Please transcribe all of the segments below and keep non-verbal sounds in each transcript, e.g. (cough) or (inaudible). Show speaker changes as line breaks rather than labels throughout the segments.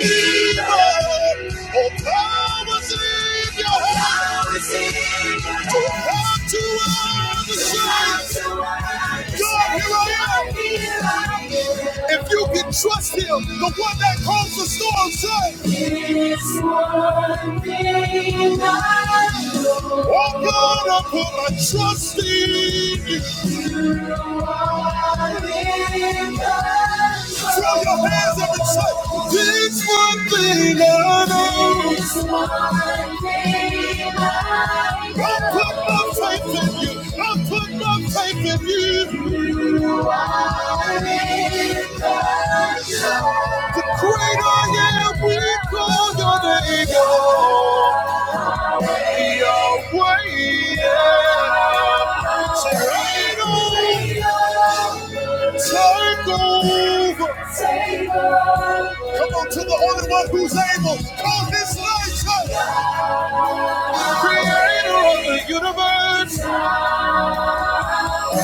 to Thank if you can trust him, the one that calms the storm, say, it's one thing I know. Oh God, I put my trust in you. You are in control. Throw your hands up and say, This one thing I know. This one thing I know. I put my faith in you. I put my faith in you. The great I am, we call your name, God. Yahweh, yeah. So right on, take over. Take over. Come on to the only one who's able. Call this light, Creator of the universe,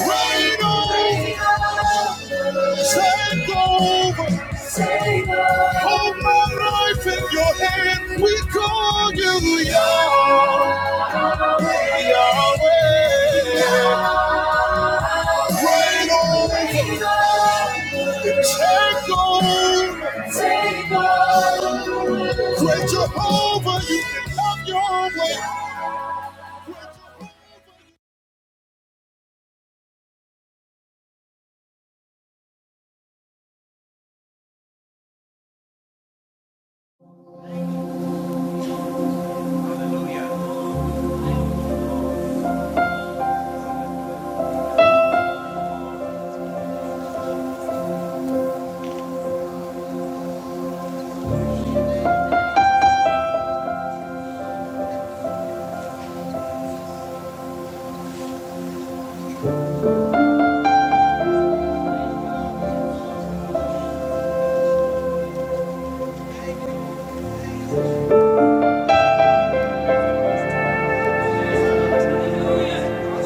Reign over, take over. Hold my life in your hand. We call you Yah. Take over, take over. Great Jehovah, you can have your way.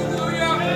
Hallelujah!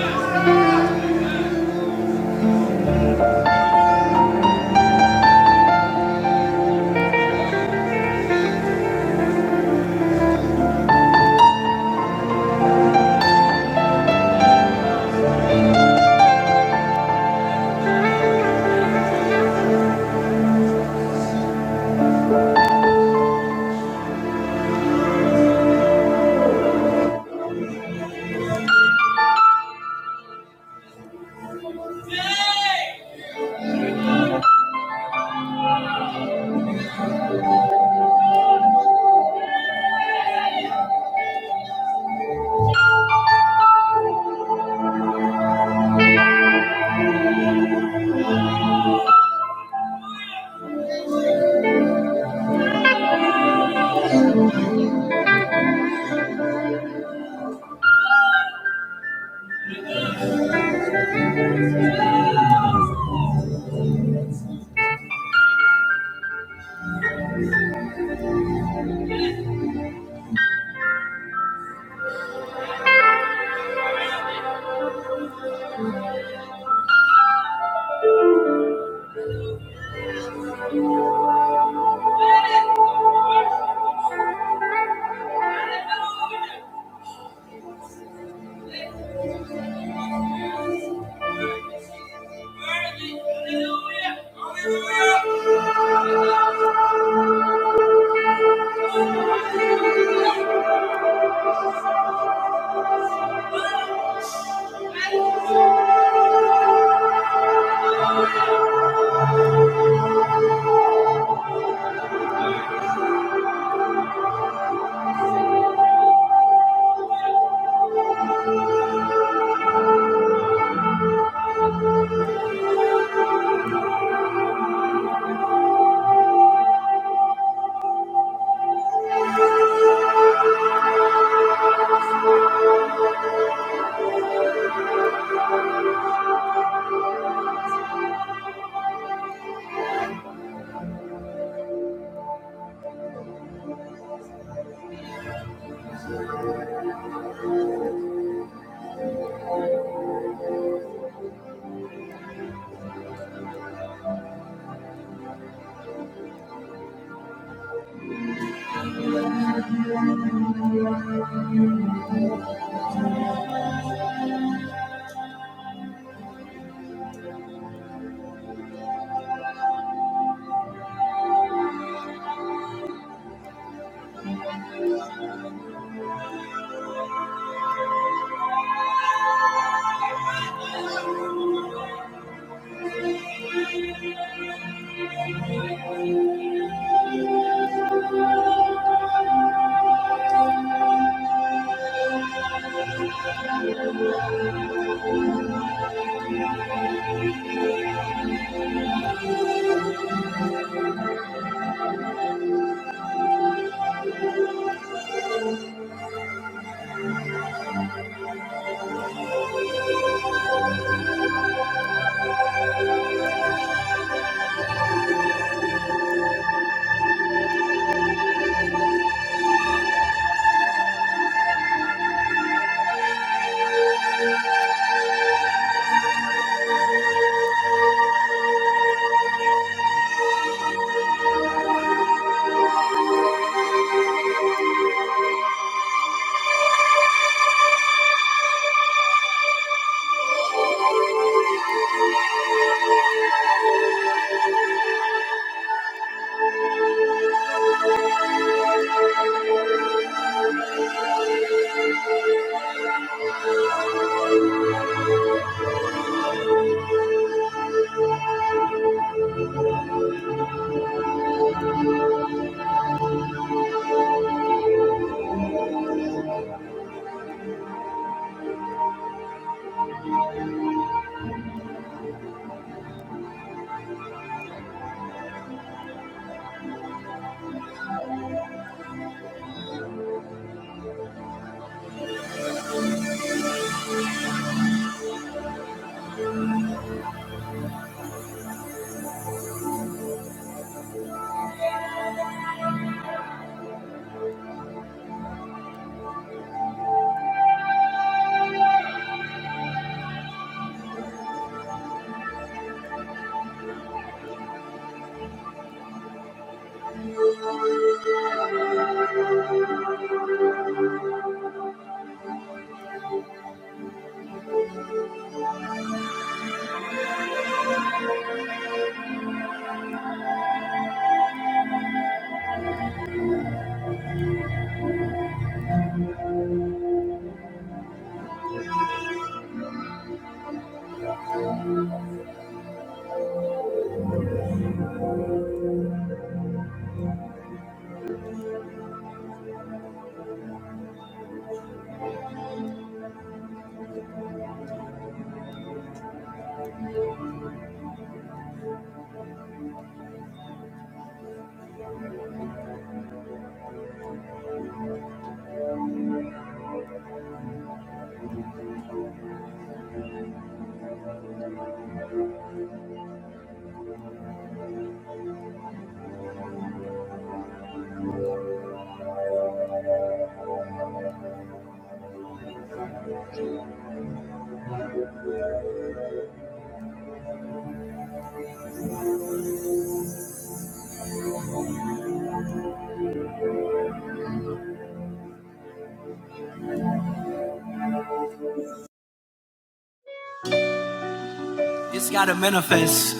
This gotta manifest.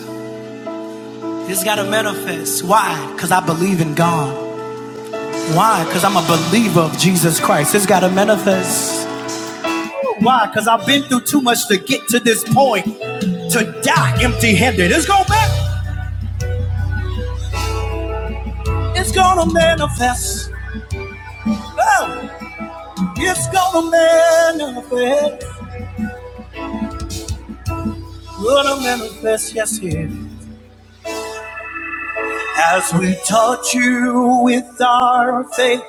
This gotta manifest. Why? Because I believe in God. Why? Because I'm a believer of Jesus Christ. It's got to manifest. Why? Because I've been through too much to get to this point to die empty handed. It's going back. It's going to manifest. Oh, it's going to manifest. Going to manifest, yes, here. As we touch you with our faith,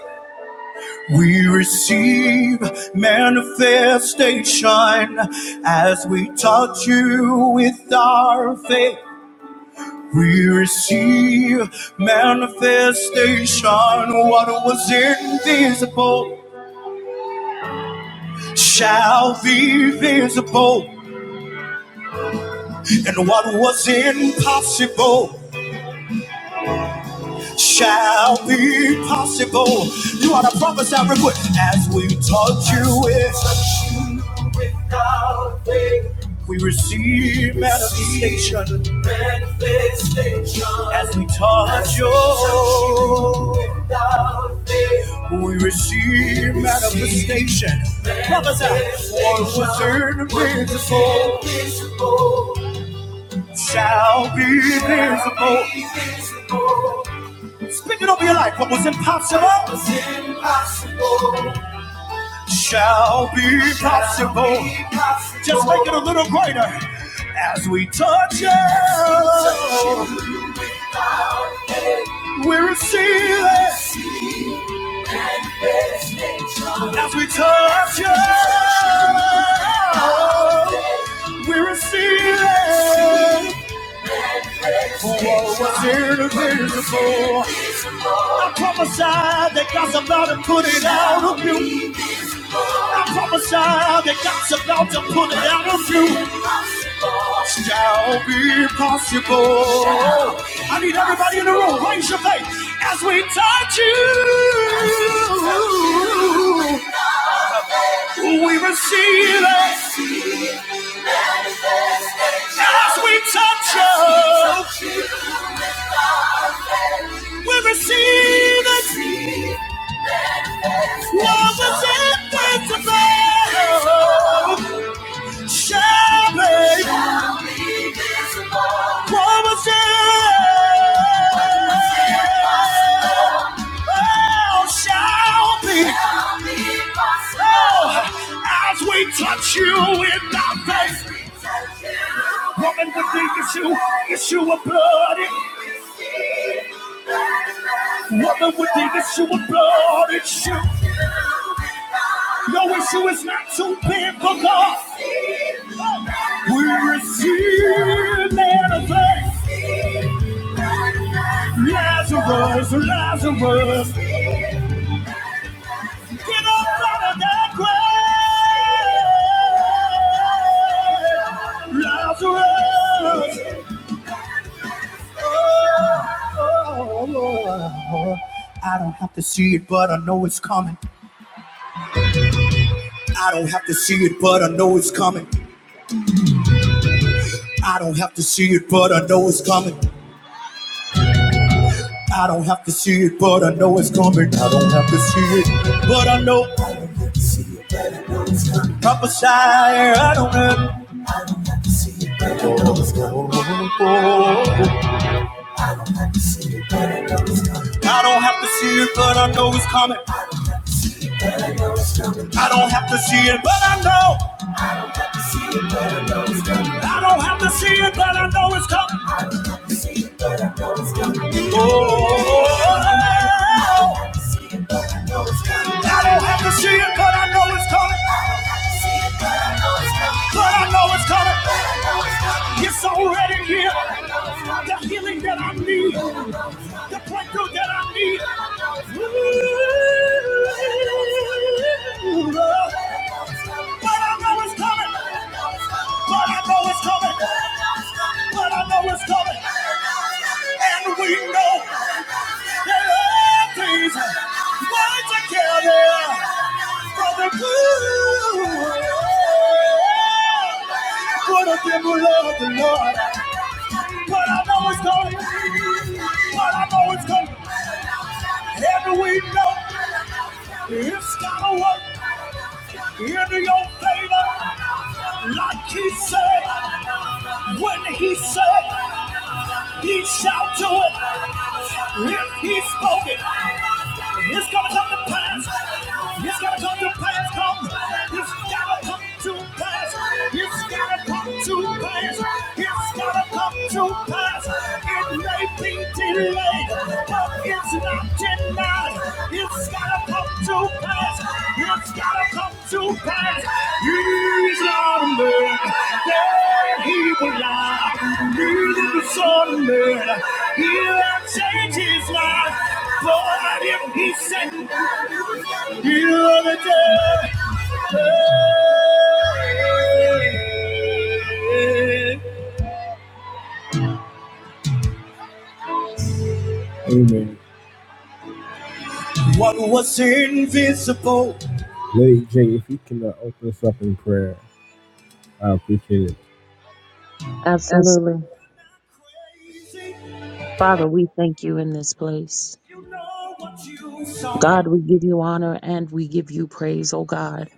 we receive manifestation. As we touch you with our faith, We receive manifestation. What was invisible shall be visible, and what was impossible shall be possible. You are to prophesy real quick as we touch you. with. Without faith, We receive manifestation manifestation. as we touch your. Without faith, We receive manifestation. Prophesy. What was invisible shall be visible. Speak it over your life. What was impossible It's impossible shall be possible. Just make it a little greater. As we touch it, we receive it. As we touch it, we receive it. For what was invisible. I prophesied that God's about to put it out of you. I prophesied that God's about to put it out of you. shall be possible. I need everybody in the room, raise your faith as we touch you. We receive it as we touch you. We receive it. Love is invincible. Shall be promises. Shall be. Oh, as we touch you in our faith. Woman with the issue, issue of blood. Woman with the issue of blood. Issue. No issue is not too big for God. We receive man of faith. Lazarus, Lazarus, get up out of that grave. Lazarus, I don't have to see it, but I know it's coming. I don't have to see it, but I know it's coming. I don't have to see it, but I know it's coming. I don't have to see it, but I know it's coming. I don't have to see it, but I know. I don't have to see it, but I know it's coming. Prophesy, I don't have. I don't have to see it, but I know I don't have to see it, but I know it's coming. I don't have to see it, but I know. I don't have to see it, but I know it's coming. Oh, Here, I know it's coming. It's already here. The healing that I need, the breakthrough that I need. Ooh, But I know it's coming. But I know it's coming. But I know it's coming. And we know that all things work together for the good. What a giver of the Lord. But I know it's coming. But I know it's coming. Every we know it's gonna work into your favor. Like he said, when he said, he shall do it. If he spoke it, it's gonna come to pass. Amen. What was invisible. Lady J, if you can uh, open us up in prayer, I appreciate it.
Absolutely. Father, we thank you in this place. God, we give you honor and we give you praise, oh God.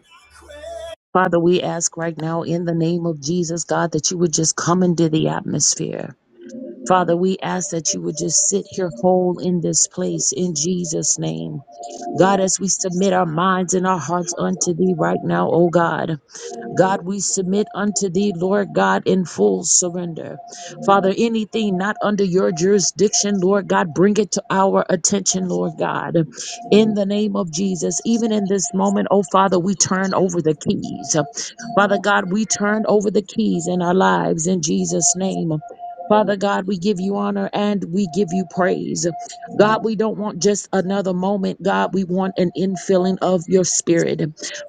Father, we ask right now in the name of Jesus, God, that you would just come into the atmosphere. Father, we ask that you would just sit here whole in this place in Jesus' name. God, as we submit our minds and our hearts unto thee right now, oh God. God, we submit unto thee, Lord God, in full surrender. Father, anything not under your jurisdiction, Lord God, bring it to our attention, Lord God. In the name of Jesus, even in this moment, oh Father, we turn over the keys. Father God, we turn over the keys in our lives in Jesus' name. Father God, we give you honor and we give you praise. God, we don't want just another moment. God, we want an infilling of your spirit.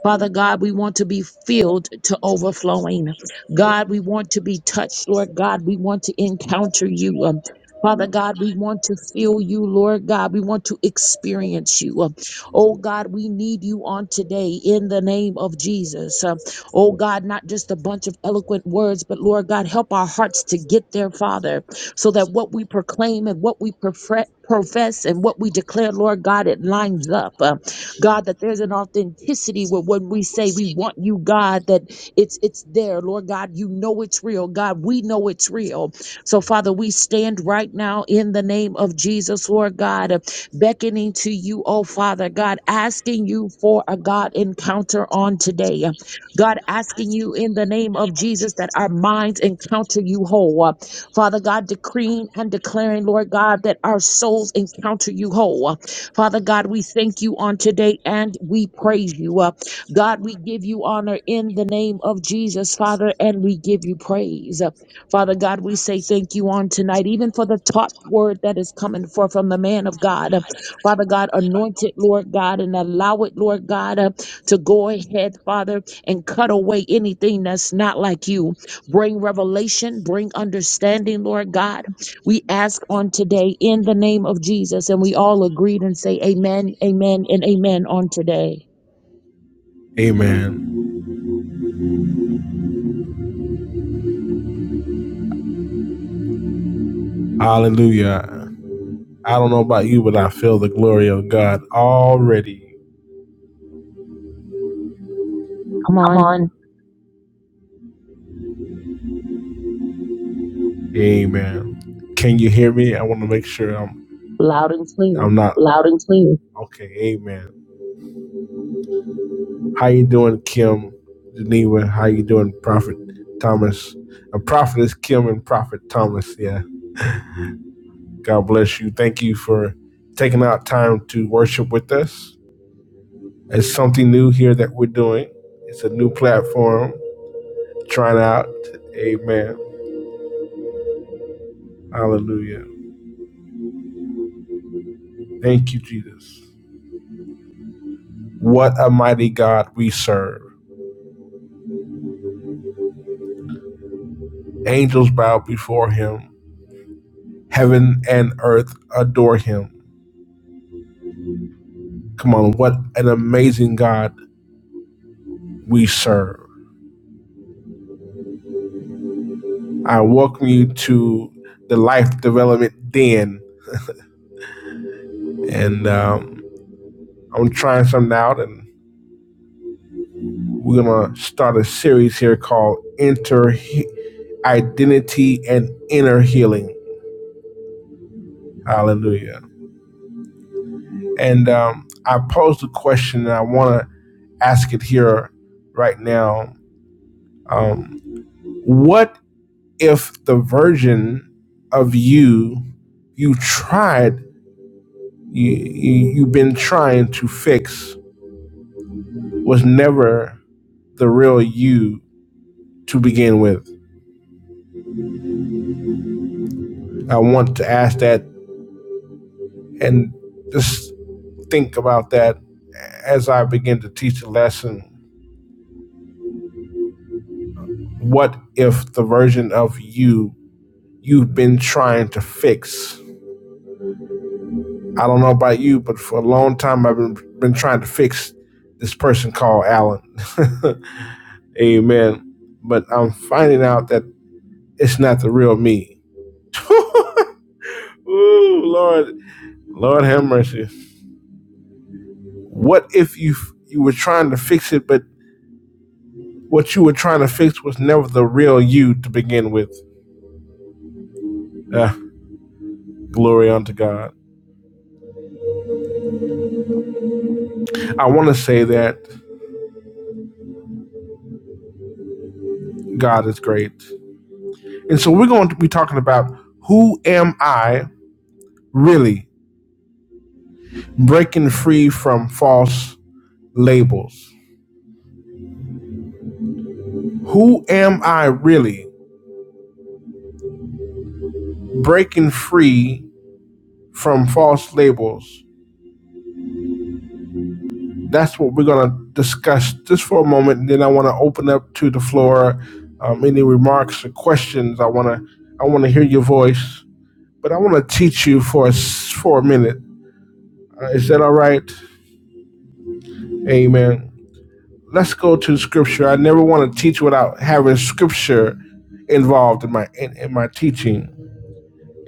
Father God, we want to be filled to overflowing. God, we want to be touched, Lord God. We want to encounter you. Um, Father God, we want to feel you, Lord God. We want to experience you. Um, Oh God, we need you on today in the name of Jesus. Um, Oh God, not just a bunch of eloquent words, but Lord God, help our hearts to get there, Father, so that what we proclaim and what we profre- profess and what we declare, Lord God, it lines up. Um, God, that there's an authenticity with when we say we want you, God, that it's it's there. Lord God, you know it's real. God, we know it's real. So, Father, we stand right now in the name of Jesus, Lord God, uh, beckoning to you, oh Father God, asking you for a God encounter on today. God, asking you in the name of Jesus that our minds encounter you whole. Father God, decreeing and declaring, Lord God, that our souls encounter you whole. Father God, we thank you on today and we praise you. Uh, God, we give you honor in the name of Jesus, Father, and we give you praise. Uh, Father God, we say thank you on tonight, even for the top word that is coming forth from the man of God. Uh, Father God, anoint it, Lord God, and allow it, Lord God, uh, to go ahead, Father, and cut away anything that's not like you. Bring revelation, bring understanding, Lord God. We ask on today in the name of Jesus, and we all agreed and say amen, amen, and amen on today.
Amen. Hallelujah. I don't know about you, but I feel the glory of God already.
Come on,
Amen. Can you hear me? I want to make sure I'm
loud and clear.
I'm not okay. Amen. How you doing, Kim? Geneva, how you doing, Prophet Thomas? A prophet is Kim and Prophet Thomas. Yeah. God bless you. Thank you for taking out time to worship with us. It's something new here that we're doing. It's a new platform. Trying out. Amen. Hallelujah. Thank you, Jesus. What a mighty God we serve. Angels bow before him Heaven and earth adore him. Come on, what an amazing God we serve. I welcome you to the Life Development Den. And um, I'm trying something out, and we're going to start a series here called Enter Identity and Inner Healing. Hallelujah. And um, I posed a question, and I want to ask it here right now. Um, what if the version of you you tried you, you you've been trying to fix was never the real you to begin with i want to ask that and just think about that as i begin to teach the lesson what if the version of you you've been trying to fix i don't know about you but for a long time i've been, been trying to fix this person called alan (laughs) Amen. But I'm finding out that it's not the real me. Ooh, Lord, Lord have mercy. What if you you were trying to fix it, but what you were trying to fix was never the real you to begin with? Ah, glory unto God. I want to say that God is great, and so we're going to be talking about who am I really? Breaking free from false labels. Who am I really? Breaking free from false labels. That's what we're going to discuss just for a moment. And then I want to open up to the floor. Um, any remarks or questions? I want to I want to hear your voice, but I want to teach you for a, s- for a minute. Uh, is that all right? Amen. Let's go to scripture. I never want to teach without having scripture involved in my in, in my teaching.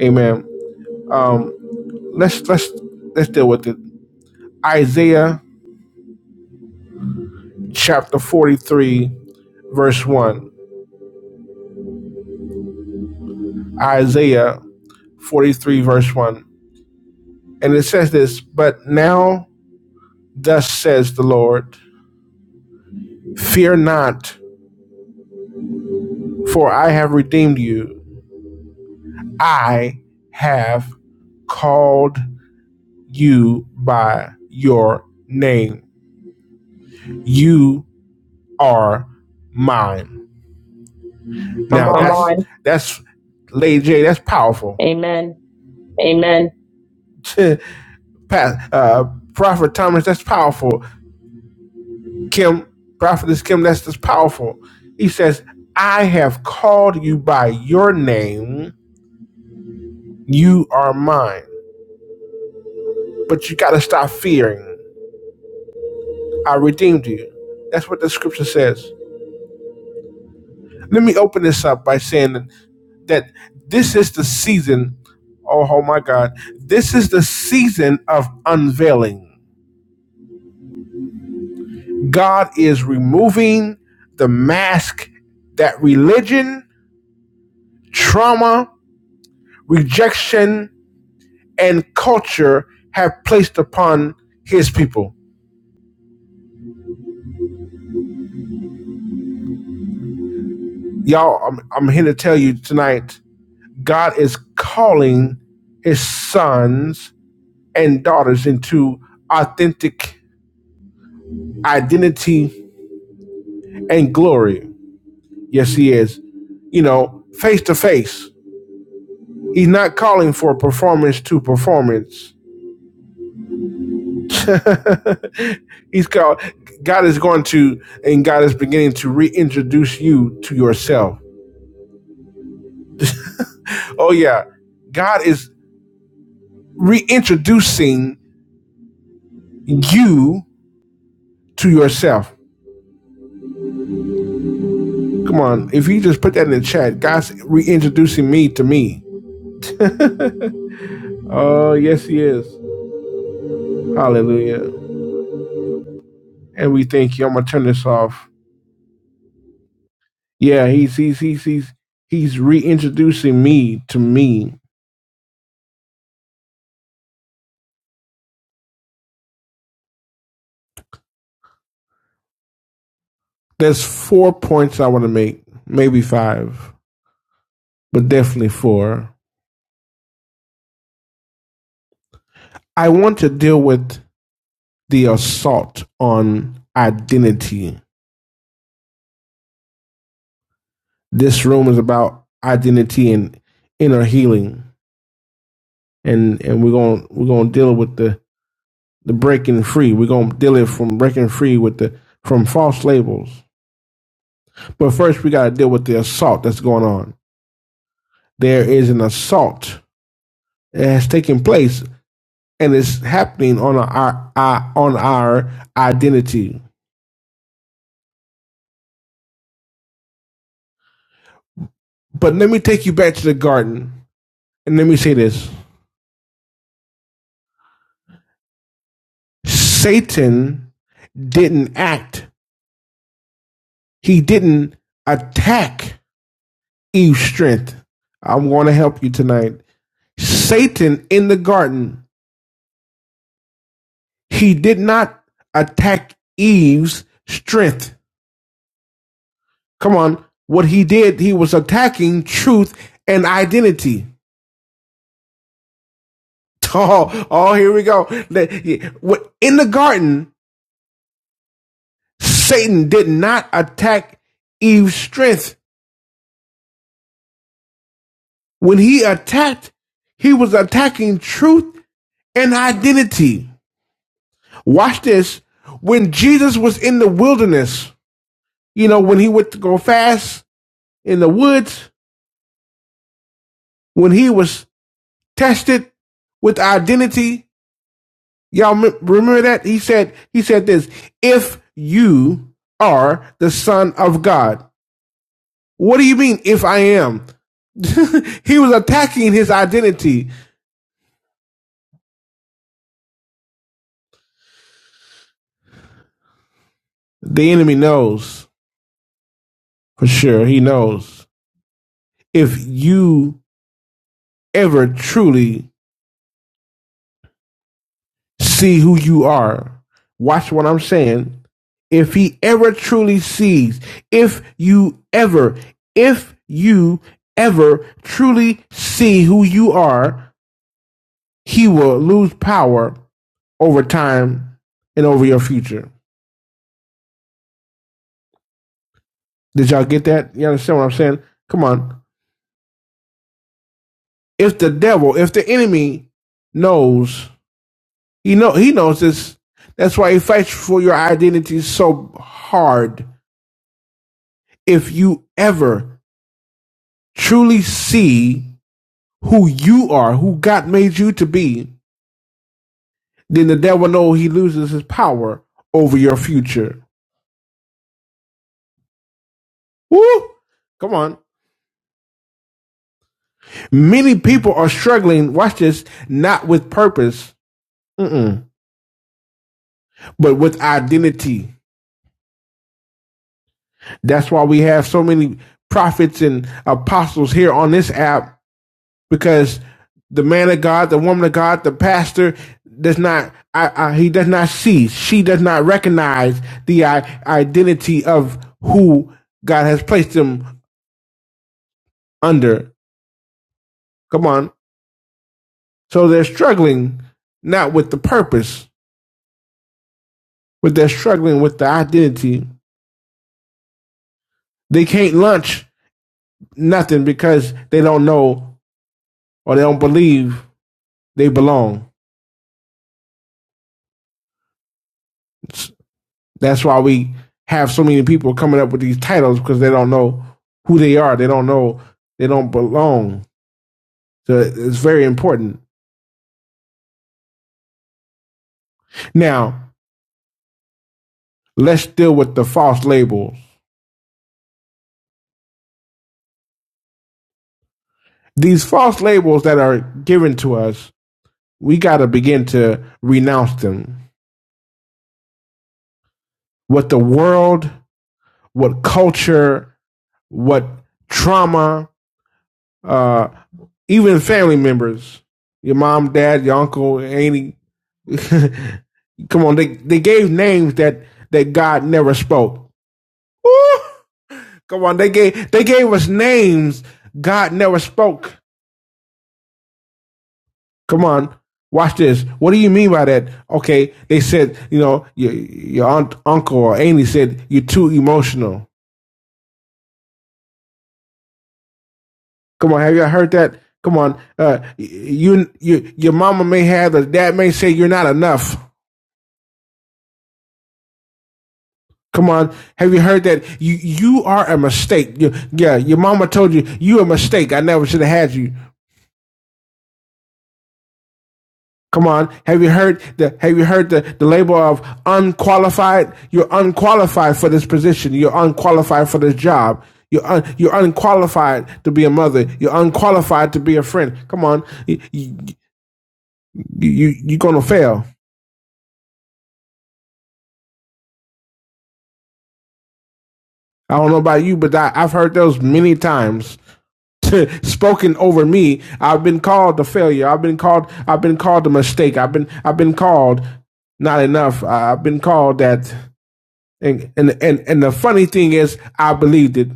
Amen. Um, let's let's let's deal with it. Isaiah chapter forty three, verse one. Isaiah 43, verse 1. And it says this But now, thus says the Lord, fear not, for I have redeemed you. I have called you by your name. You are mine.
Come
Now, Come that's, on. that's, Lady J, that's powerful.
on. Amen.
(laughs) Pa- uh, Prophet Thomas, that's powerful. Kim, prophetess Kim, that's just powerful. He says, I have called you by your name. You are mine. But you got to stop fearing. I redeemed you. That's what the scripture says. Let me open this up by saying that this is the season. Oh, oh my God. This is the season of unveiling. God is removing the mask that religion, trauma, rejection, and culture have placed upon his people. Y'all, I'm, I'm here to tell you tonight God is calling his sons and daughters into authentic identity and glory. Yes, he is. You know, face to face. He's not calling for performance to performance. (laughs) He's called, God is going to, and God is beginning to reintroduce you to yourself. Oh, yeah. God is reintroducing you to yourself. Come on, if you just put that in the chat, God's reintroducing me to me. Oh, yes, He is. Hallelujah. And we thank you. I'm gonna turn this off. Yeah, he's he's he's he's he's reintroducing me to me. There's four points I want to make, maybe five, but definitely four. I want to deal with the assault on identity this room is about identity and inner healing, and and we're going to we're going to deal with the the breaking free. We're going to deal it from breaking free with the from false labels. But first, we got to deal with the assault that's going on. There is an assault that has taken place, and it's happening on our, our on our identity. But let me take you back to the garden, and let me say this: Satan didn't act. He didn't attack Eve's strength. I'm going to help you tonight. Satan in the garden, he did not attack Eve's strength. Come on. What he did, he was attacking truth and identity. (laughs) Oh, oh, here we go. yeah. What- In the garden, Satan did not attack Eve's strength. When he attacked, he was attacking truth and identity. Watch this. When Jesus was in the wilderness, You know, when he went to go fast in the woods, when he was tested with identity, y'all remember that? He said, he said this, if you are the son of God. What do you mean if I am? (laughs) he was attacking his identity. The enemy knows for sure. He knows if you ever truly see who you are. Watch what I'm saying. If he ever truly sees, if you ever, if you ever truly see who you are, he will lose power over time and over your future. Did y'all get that? You understand what I'm saying? Come on. If the devil, if the enemy knows, he know he knows this. That's why he fights for your identity so hard. If you ever truly see who you are, who God made you to be, then the devil know he loses his power over your future. Woo! Come on. Many people are struggling, watch this, not with purpose, mm-mm, but with identity. That's why we have so many prophets and apostles here on this app because the man of God, the woman of God, the pastor does not. I, I, he does not see. She does not recognize the I, identity of who God has placed them under. Come on. So they're struggling not with the purpose, but they're struggling with the identity. They can't launch nothing because they don't know or they don't believe they belong. That's why we have so many people coming up with these titles because they don't know who they are. They don't know they don't belong. So it's very important. Now, let's deal with the false labels. These false labels that are given to us, we got to begin to renounce them. What the world, what culture, what trauma, uh, even family members, your mom, dad, your uncle, auntie, (laughs) Come on, they they gave names that that God never spoke. Woo! Come on, they gave they gave us names God never spoke. Come on, watch this. What do you mean by that? Okay, they said you know your your aunt, uncle or auntie said you're too emotional. Come on, have you heard that? Come on, uh, you you your mama may have or dad may say you're not enough. Come on, have you heard that? You you are a mistake. You, yeah, your mama told you you a mistake. I never should have had you. Come on. Have you heard the have you heard the, the label of unqualified? You're unqualified for this position. You're unqualified for this job. You're un, you're unqualified to be a mother. You're unqualified to be a friend. Come on. You you you you're gonna fail. I don't know about you, but I, I've heard those many times. (laughs) spoken over me. I've been called a failure. I've been called I've been called a mistake. I've been I've been called not enough. I- I've been called that And and and and the funny thing is, I believed it.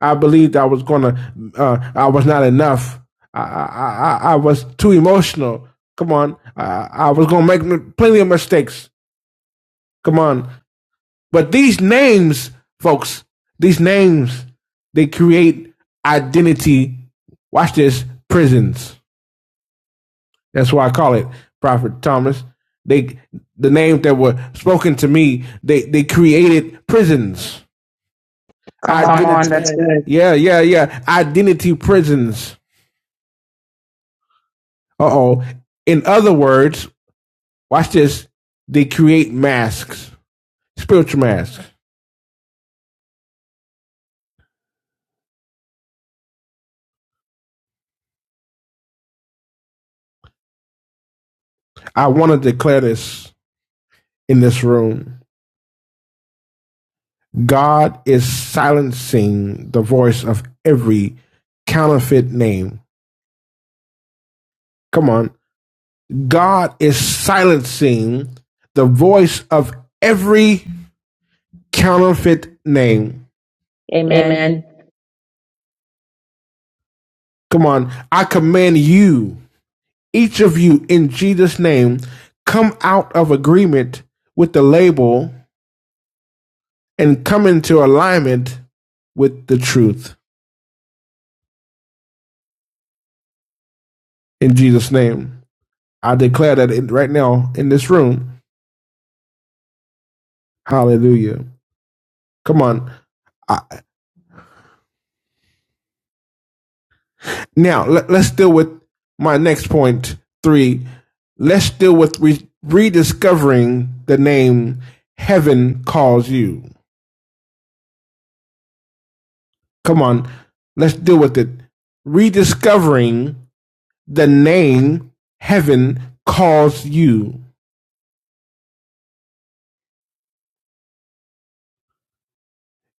I believed I was gonna. Uh, I was not enough. I I I I was too emotional. Come on, I, I was gonna make plenty of mistakes. Come on, but these names, folks, these names, they create identity. Watch this, prisons. That's why I call it Prophet Thomas. They the names that were spoken to me, they they created prisons
Come on, that's good.
Yeah, yeah, yeah. Identity prisons. Uh oh. In other words, watch this. They create masks, spiritual masks. I want to declare this in this room. God is silencing the voice of every counterfeit name. Come on. God is silencing the voice of every counterfeit name.
Am-
Come on. I command you. Each of you, in Jesus' name, come out of agreement with the label and come into alignment with the truth. In Jesus' name, I declare that right now in this room. Hallelujah. Come on. I, now, let, us deal with my next point three. Let's deal with re- rediscovering the name Heaven Calls You. Come on. Let's deal with it. Rediscovering the name heaven calls you.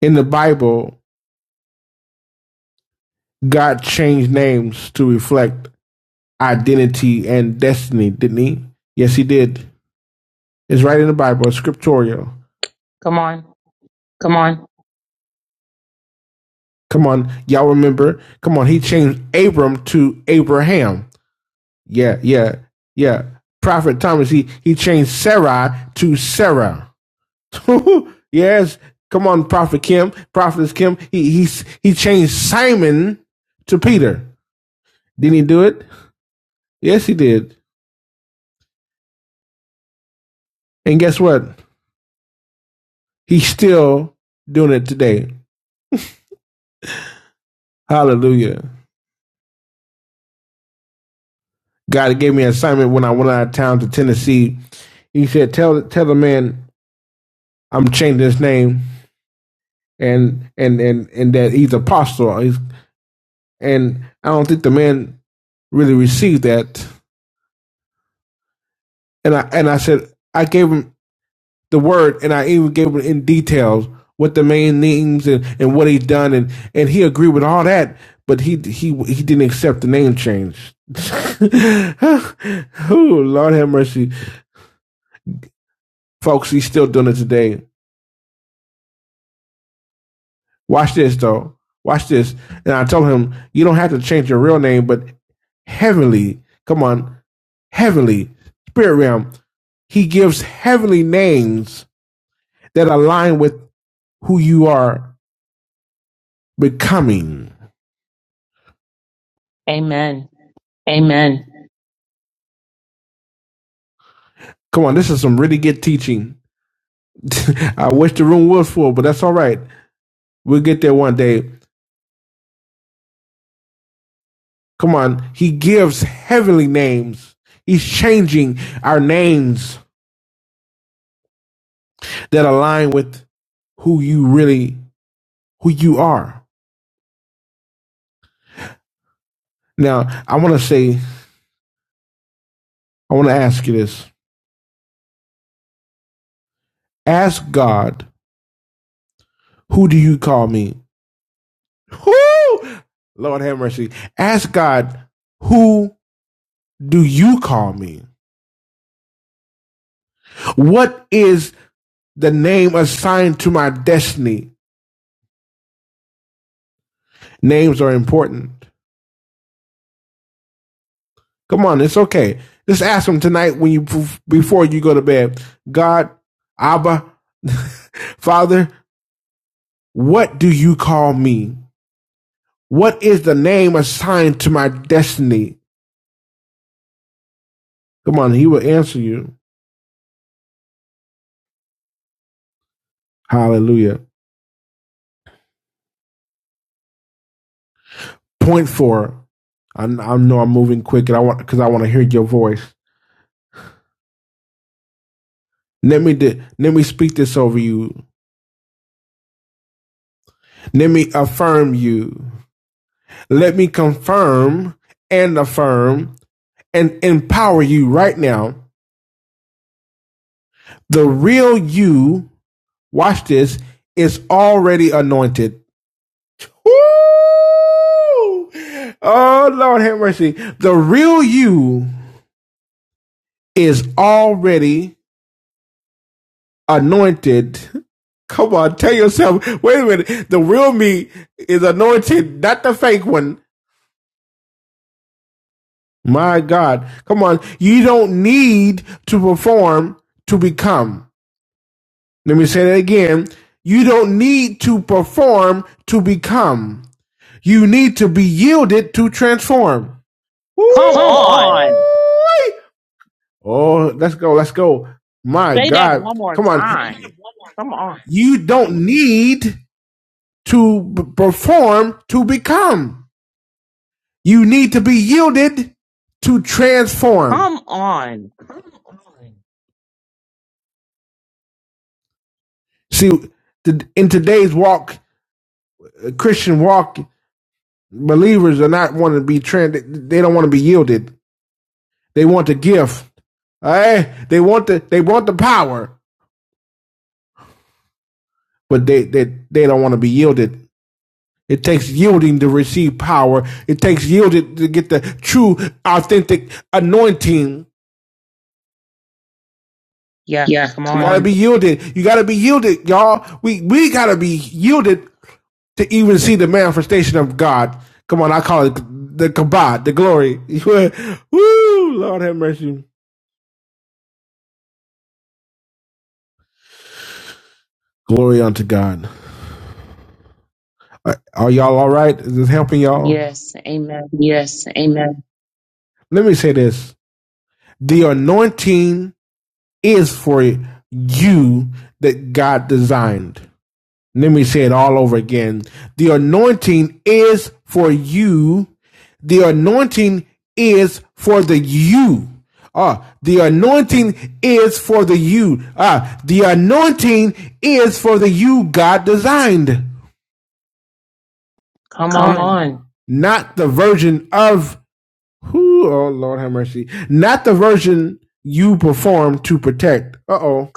In the Bible, God changed names to reflect identity and destiny, didn't he? Yes, he did. It's right in the Bible, it's scriptural. Come on, y'all remember? Come on, he changed Abram to Abraham. Yeah, yeah, yeah. Prophet Thomas, he, he changed Sarah to Sarah. (laughs) yes, come on, Prophet Kim, Prophetess Kim. He, he, he changed Simon to Peter. Didn't he do it? Yes, he did. And guess what? He's still doing it today. Hallelujah. God gave me an assignment when I went out of town to Tennessee. He said, "Tell tell the man I'm changing his name and and and and that he's apostle." He's, and I don't think the man really received that. And I and I said I gave him the word, and I even gave him in details what the main names and, and what he done, and and he agreed with all that, but he he he didn't accept the name change. (laughs) oh Lord have mercy, folks! He's still doing it today. Watch this though. Watch this. And I told him, you don't have to change your real name, but heavenly. Come on, heavenly spirit realm. He gives heavenly names that align with who you are becoming.
Amen.
Come on, this is some really good teaching. (laughs) I wish the room was full, but that's all right. We'll get there one day. Come on, he gives heavenly names. He's changing our names that align with who you really who you are. Now, I want to say, I want to ask you this. Ask God, who do you call me? Whoo! Lord have mercy. Ask God, who do you call me? What is the name assigned to my destiny. Names are important. Come on, it's okay. Just ask him tonight when you before you go to bed. God, Abba, (laughs) Father, what do you call me? What is the name assigned to my destiny? Come on, he will answer you. Hallelujah. Point four. I, I know I'm moving quick, and I want because I want to hear your voice. Let me let me speak this over you. Let me affirm you. Let me confirm and affirm and empower you right now. The real you, watch this, is already anointed. Woo! Oh, Lord have mercy. The real you is already anointed. Come on, tell yourself, wait a minute. The real me is anointed, not the fake one. My God. Come on. You don't need to perform to become. Let me say that again. You don't need to perform to become. You need to be yielded to transform.
Come on.
Oh, let's go. Let's go. My
Say that
God.
one more
Come on.
time. Come on.
You don't need to b- perform to become. You need to be yielded to transform.
Come on.
See, th- in today's walk, Christian walk, believers are not want to be trans. They don't want to be yielded. They want the gift. All right? They want the they want the power, but they they, they don't want to be yielded. It takes yielding to receive power. It takes yielded to get the true, authentic anointing.
Yeah,
You
come
you gotta
on.
be yielded. You gotta be yielded, y'all. We we gotta be yielded to even see the manifestation of God. Come on, I call it the kabod, the glory. (laughs) Woo! Lord have mercy. Glory unto God. are y'all all right? Is this helping y'all?
Yes, amen.
Let me say this. The anointing is for you that God designed. Let me say it all over again. The anointing is for you. The anointing is for the you. Ah, the anointing is for the you. Ah, the anointing is for the you God designed, not the version of who. Oh Lord, have mercy. Not the version you perform to protect. Uh oh.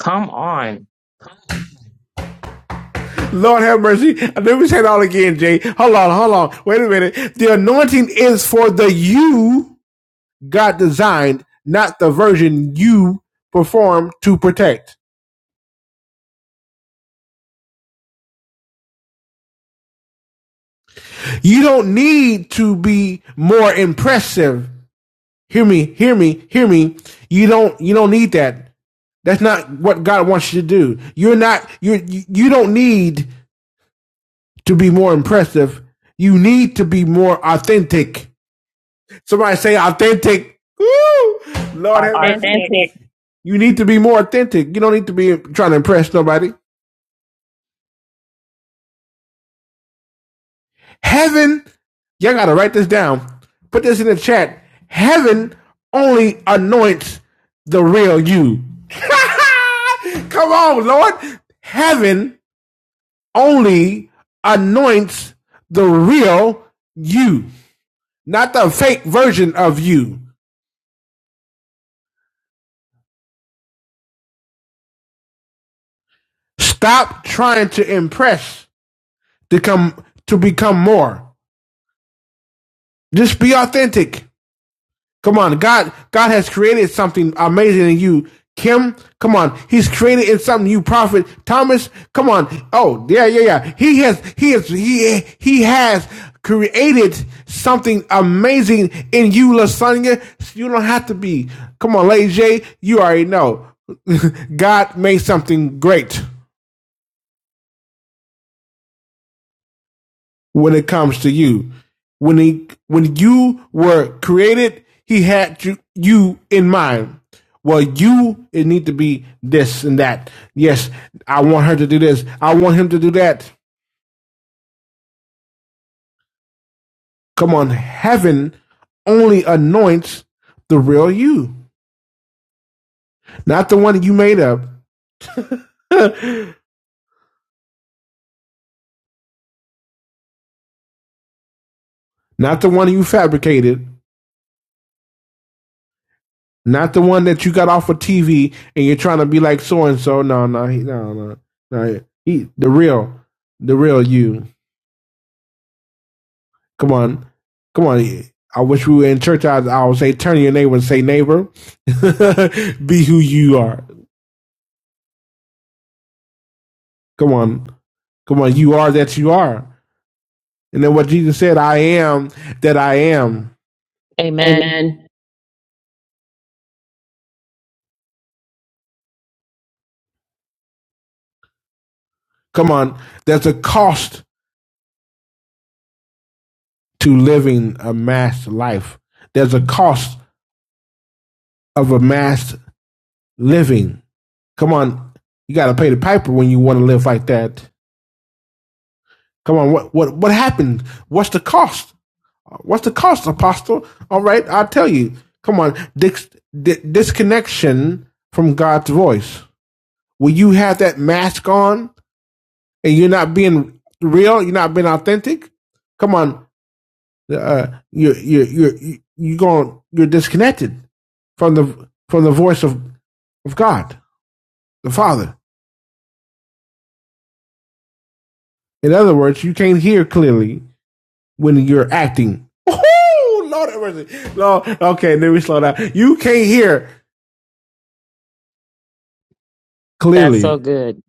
Lord have mercy. Let me say it all again, Jay. Hold on, hold on. Wait a minute. The anointing is for the you God designed, not the version you perform to protect. You don't need to be more impressive. Hear me, hear me, hear me. You don't you don't need that. That's not what God wants you to do. You're not you're, you you don't need to be more impressive. You need to be more authentic. Somebody say authentic. Woo! Lord have mercy.
Authentic.
You need to be more authentic. You don't need to be trying to impress nobody. Heaven, y'all gotta write this down. Put this in the chat. Heaven only anoints the real you. (laughs) Come on, Lord. Heaven only anoints the real you, not the fake version of you. Stop trying to impress to come to become more. Just be authentic. Come on, God. God has created something amazing in you, Kim. Come on, He's created in something you, Prophet Thomas. Come on. Oh yeah, yeah, yeah. He has, he has, he he has created something amazing in you, Lasagna. You don't have to be. Come on, Lady J. You already know. (laughs) God made something great. when it comes to you. When he when you were created, he had you, you in mind. Well, you it need to be this and that. Yes, I want her to do this. I want him to do that. Come on, heaven only anoints the real you, not the one that you made up, (laughs) not the one you fabricated, not the one that you got off of TV and you're trying to be like so and so. No, no, he, no, no, no. He, the real, the real you. Come on. Come on. I wish we were in church. I, I would say, turn to your neighbor and say, neighbor, (laughs) be who you are. Come on. Come on. You are that you are. And then what Jesus said, I am that I am.
Amen.
Come on. There's a cost to living a masked life. There's a cost of a masked living. Come on. You got to pay the piper when you want to live like that. Come on. What, what, what happened? What's the cost? What's the cost, Apostle? All right, I'll tell you. Come on, dis- di- disconnection from God's voice. When you have that mask on and you're not being real, you're not being authentic. Come on, uh, you are you you you going you're disconnected from the from the voice of of God, the Father. In other words, you can't hear clearly when you're acting. (laughs) Woo-hoo! Lord have mercy. Lord, okay, then we slow down. You can't hear
That's
clearly
so good.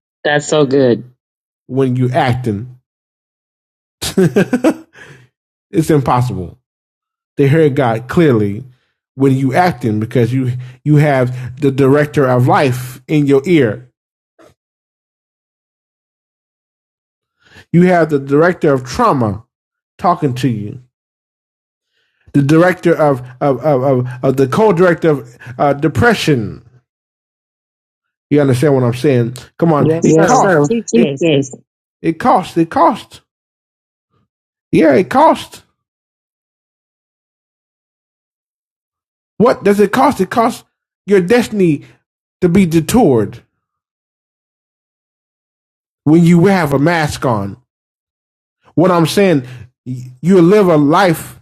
when you acting. (laughs) it's impossible. They hear God clearly when you acting because you you have the director of life in your ear. You have the director of trauma talking to you. The director of of of, of, of the co-director of uh, depression. You understand what I'm saying? Come on,
Yes,
it
sir.
costs.
Chief
It
Gates.
it costs. It costs. Yeah, it costs. What does it cost? It costs your destiny to be detoured. when you have a mask on. What I'm saying, you live a life,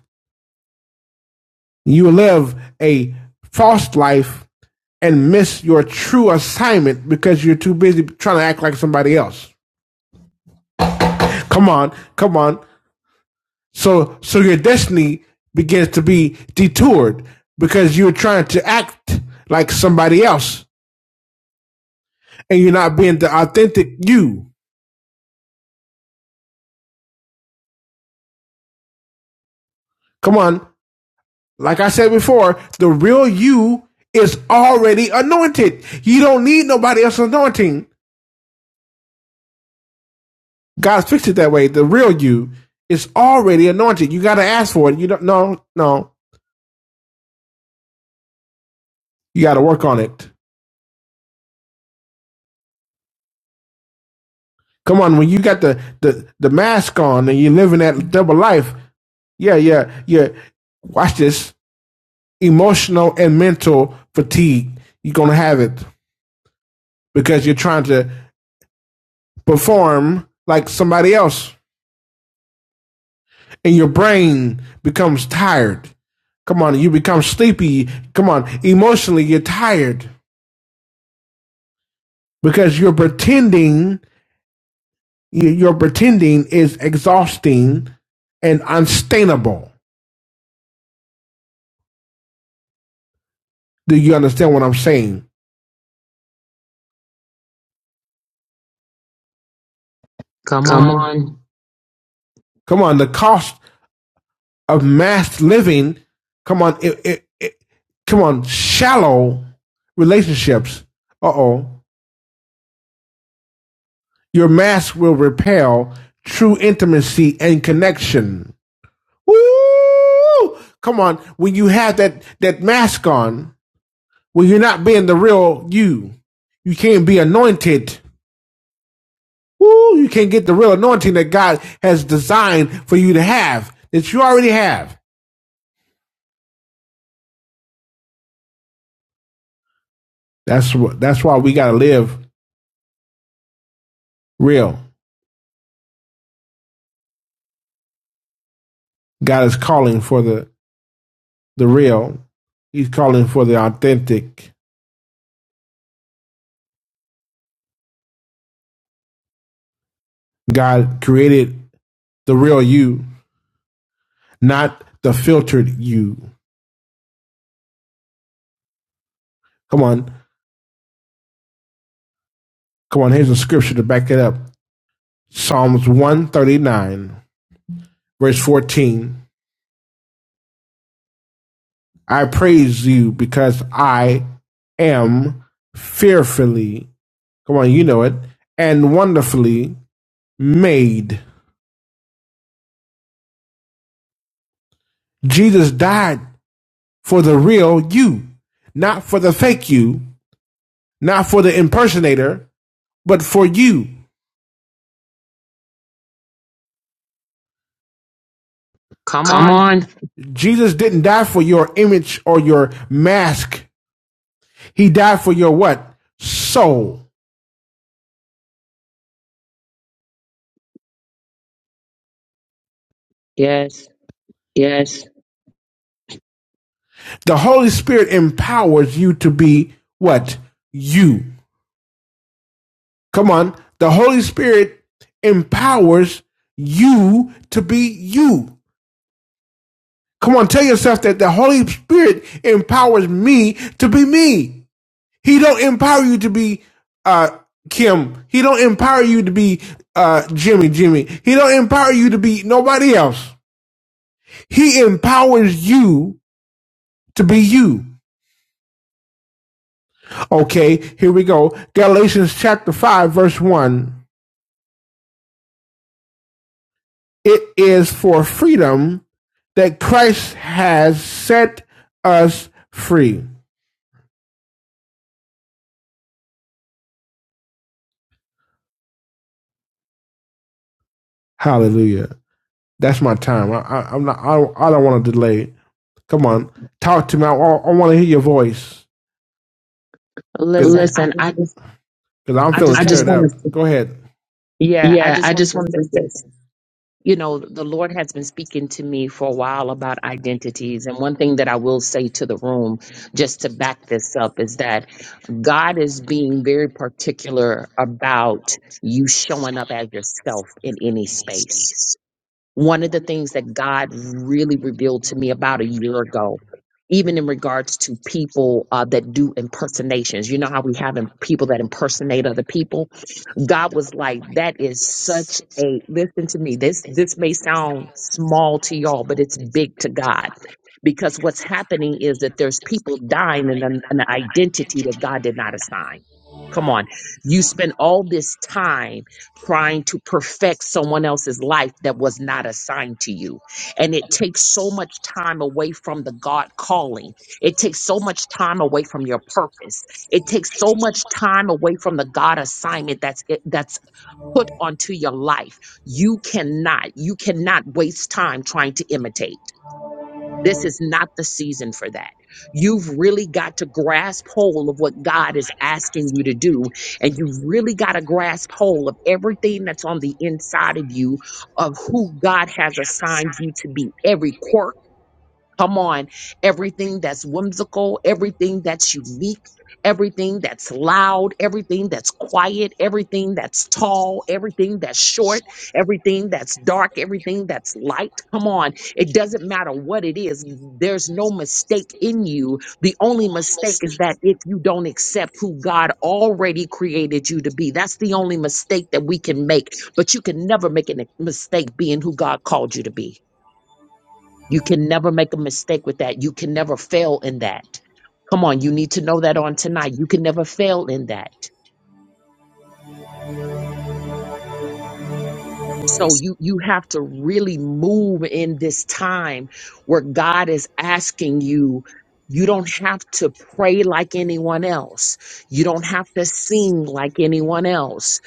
you live a false life and miss your true assignment because you're too busy trying to act like somebody else. Come on, come on. So so your destiny begins to be detoured because you're trying to act like somebody else and you're not being the authentic you. Come on. Like I said before, the real you is already anointed. You don't need nobody else's anointing. God fixed it that way. The real you is already anointed. You got to ask for it. You don't. No, no. You got to work on it. Come on, when you got the, the the mask on and you're living that double life, yeah, yeah, yeah. Watch this emotional and mental fatigue. You're gonna have it because you're trying to perform like somebody else. and your brain becomes tired. Come on, you become sleepy. Come on, emotionally you're tired because you're pretending you- are pretending is exhausting and unsustainable. Do you understand what I'm saying?
Come on.
Come on, the cost of mass living. Come on, it, it, it, come on, shallow relationships. Uh oh, your mask will repel true intimacy and connection. Woo! Come on. When you have that, that mask on, when you're not being the real you, you can't be anointed. Woo! You can't get the real anointing that God has designed for you to have, that you already have. That's what, that's why we gotta live real. God is calling for the, the real. He's calling for the authentic. God created the real you, not the filtered you. Come on. Come on. Here's a scripture to back it up. Psalms 139, verse 14. I praise you because I am fearfully, come on, you know it, and wonderfully made. Jesus died for the real you, not for the fake you, not for the impersonator, but for you.
Come on.
Jesus didn't die for your image or your mask. He died for your what? Soul.
Yes.
The Holy Spirit empowers you to be what? You. Come on. The Holy Spirit empowers you to be you. Come on, tell yourself that the Holy Spirit empowers me to be me. He don't empower you to be uh Kim. He don't empower you to be uh Jimmy Jimmy. He don't empower you to be nobody else. He empowers you to be you. Okay, here we go. Galatians chapter 5, verse 1. It is for freedom that Christ has set us free. Hallelujah. That's my time. I, I, am not, I, don't- I don't want to delay. Come on, talk to me. I, I want to hear your voice
Listen, I just
because I'm
I
feeling
just wanted to
Go ahead.
yeah, I just wanted to say this. You know, the Lord has been speaking to me for a while about identities. And one thing that I will say to the room, just to back this up, is that God is being very particular about you showing up as yourself in any space one of the things that God really revealed to me about a year ago, even in regards to people uh, that do impersonations. You know how we have im- people that impersonate other people? God was like, that is such a, listen to me, this, this may sound small to y'all, but it's big to God. Because what's happening is that there's people dying in an, an identity that God did not assign. Come on. You spend all this time trying to perfect someone else's life that was not assigned to you. And it takes so much time away from the God calling. It takes so much time away from your purpose it takes so much time away from the God assignment that's it- that's put onto your life. You cannot you cannot waste time trying to imitate. This is not the season for that. You've really got to grasp hold of what God is asking you to do. And you've really got to grasp hold of everything that's on the inside of you, of who God has assigned you to be, every quirk Come on. Everything that's whimsical, everything that's unique, everything that's loud, everything that's quiet, everything that's tall, everything that's short, everything that's dark, everything that's light. Come on. It doesn't matter what it is. There's no mistake in you. The only mistake is that if you don't accept who God already created you to be, that's the only mistake that we can make. But you can never make a mistake being who God called you to be. You can never make a mistake with that. You can never fail in that. Come on, you need to know that on tonight. You can never fail in that. So you you have to really move in this time where God is asking you you don't have to pray like anyone else. You don't have to sing like anyone else.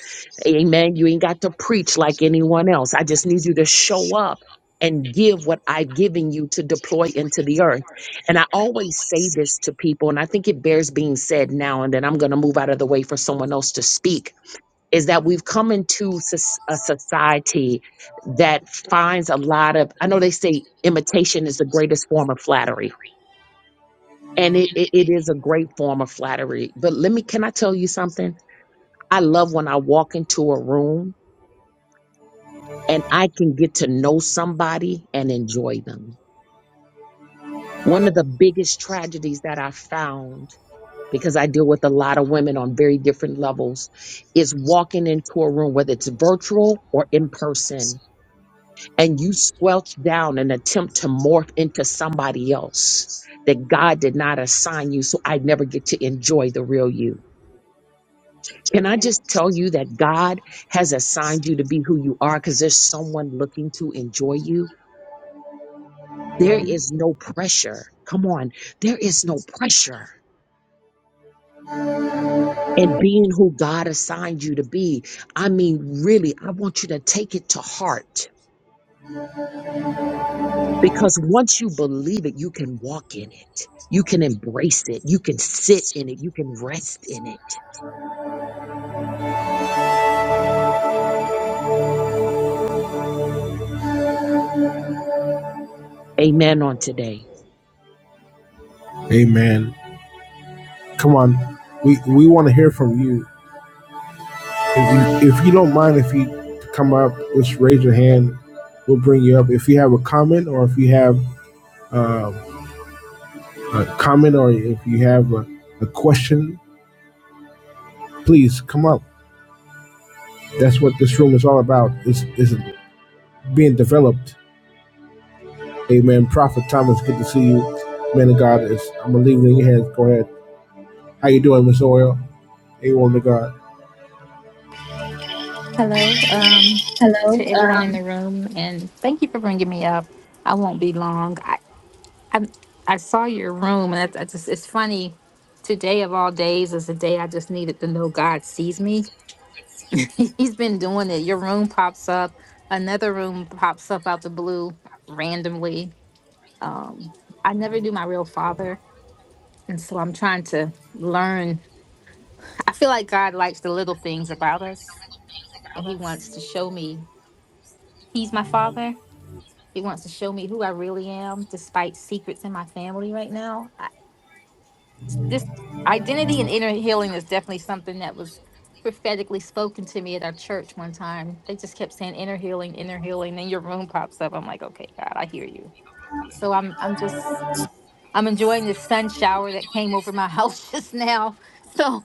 Amen. You ain't got to preach like anyone else. I just need you to show up and give what I've given you to deploy into the earth. And I always say this to people, and I think it bears being said now and then. I'm going to move out of the way for someone else to speak is that we've come into sus- a society that finds a lot of i know they say imitation is the greatest form of flattery and it, it, it is a great form of flattery but let me can i tell you something i love when i walk into a room and i can get to know somebody and enjoy them one of the biggest tragedies that i found because i deal with a lot of women on very different levels is walking into a room whether it's virtual or in person and you squelch down and attempt to morph into somebody else that God did not assign you, so I never get to enjoy the real you. Can I just tell you that God has assigned you to be who you are because there's someone looking to enjoy you? There is no pressure. Come on, there is no pressure in being who God assigned you to be. I mean, really, I want you to take it to heart Because once you believe it, you can walk in it. You can embrace it. You can sit in it. You can rest in it. Amen on today.
Amen. Come on. We, we want to hear from you. If you, if you don't mind, if you come up, just raise your hand. We'll bring you up. If you have a comment or if you have um a comment or if you have a, a question, please come up. That's what this room is all about. Is is being developed. Amen. Prophet Thomas, good to see you. Man of God, it's, I'm gonna leave it in your hands. Go ahead. How you doing, Miss Oil? Hey, woman of God.
Hello um, to everyone in the room, and thank you for bringing me up. I won't be long. I I, I saw your room, and I, I just it's funny. Today of all days is the day I just needed to know God sees me. (laughs) He's been doing it. Your room pops up, another room pops up out the blue randomly. Um, I never knew my real father, and so I'm trying to learn. I feel like God likes the little things about us, and He wants to show me He's my father He wants to show me who I really am, despite secrets in my family right now. I, this identity and inner healing is definitely something that was prophetically spoken to me at our church one time. They just kept saying inner healing, inner healing. Then your room pops up. I'm like, okay, God, I hear you. So I'm, I'm just, I'm enjoying this sun shower that came over my house (laughs) just now. So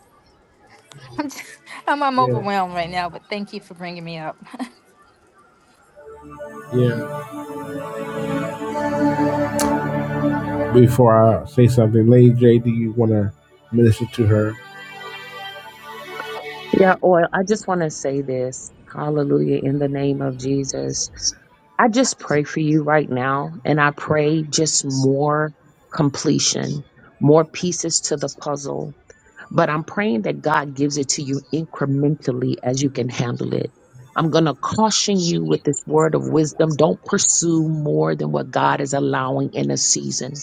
I'm, just, I'm, I'm
Yeah,
overwhelmed right now. But thank you for bringing me up.
yeah. Before I say something, Lady J, do you want to minister to her?
Yeah, oil. I just want to say this. Hallelujah. In the name of Jesus. I just pray for you right now. And I pray just more completion, more pieces to the puzzle But I'm praying that God gives it to you incrementally as you can handle it. I'm going to caution you with this word of wisdom. Don't pursue more than what God is allowing in a season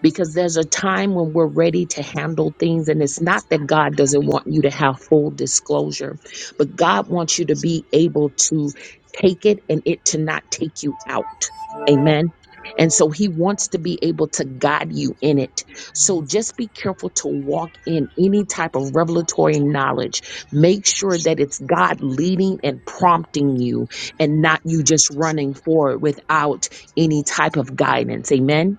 because there's a time when we're ready to handle things and it's not that God doesn't want you to have full disclosure but God wants you to be able to take it and it to not take you out amen and so he wants to be able to guide you in it so just be careful to walk in any type of revelatory knowledge make sure that it's God leading and prompting you and not you just running forward without any type of guidance amen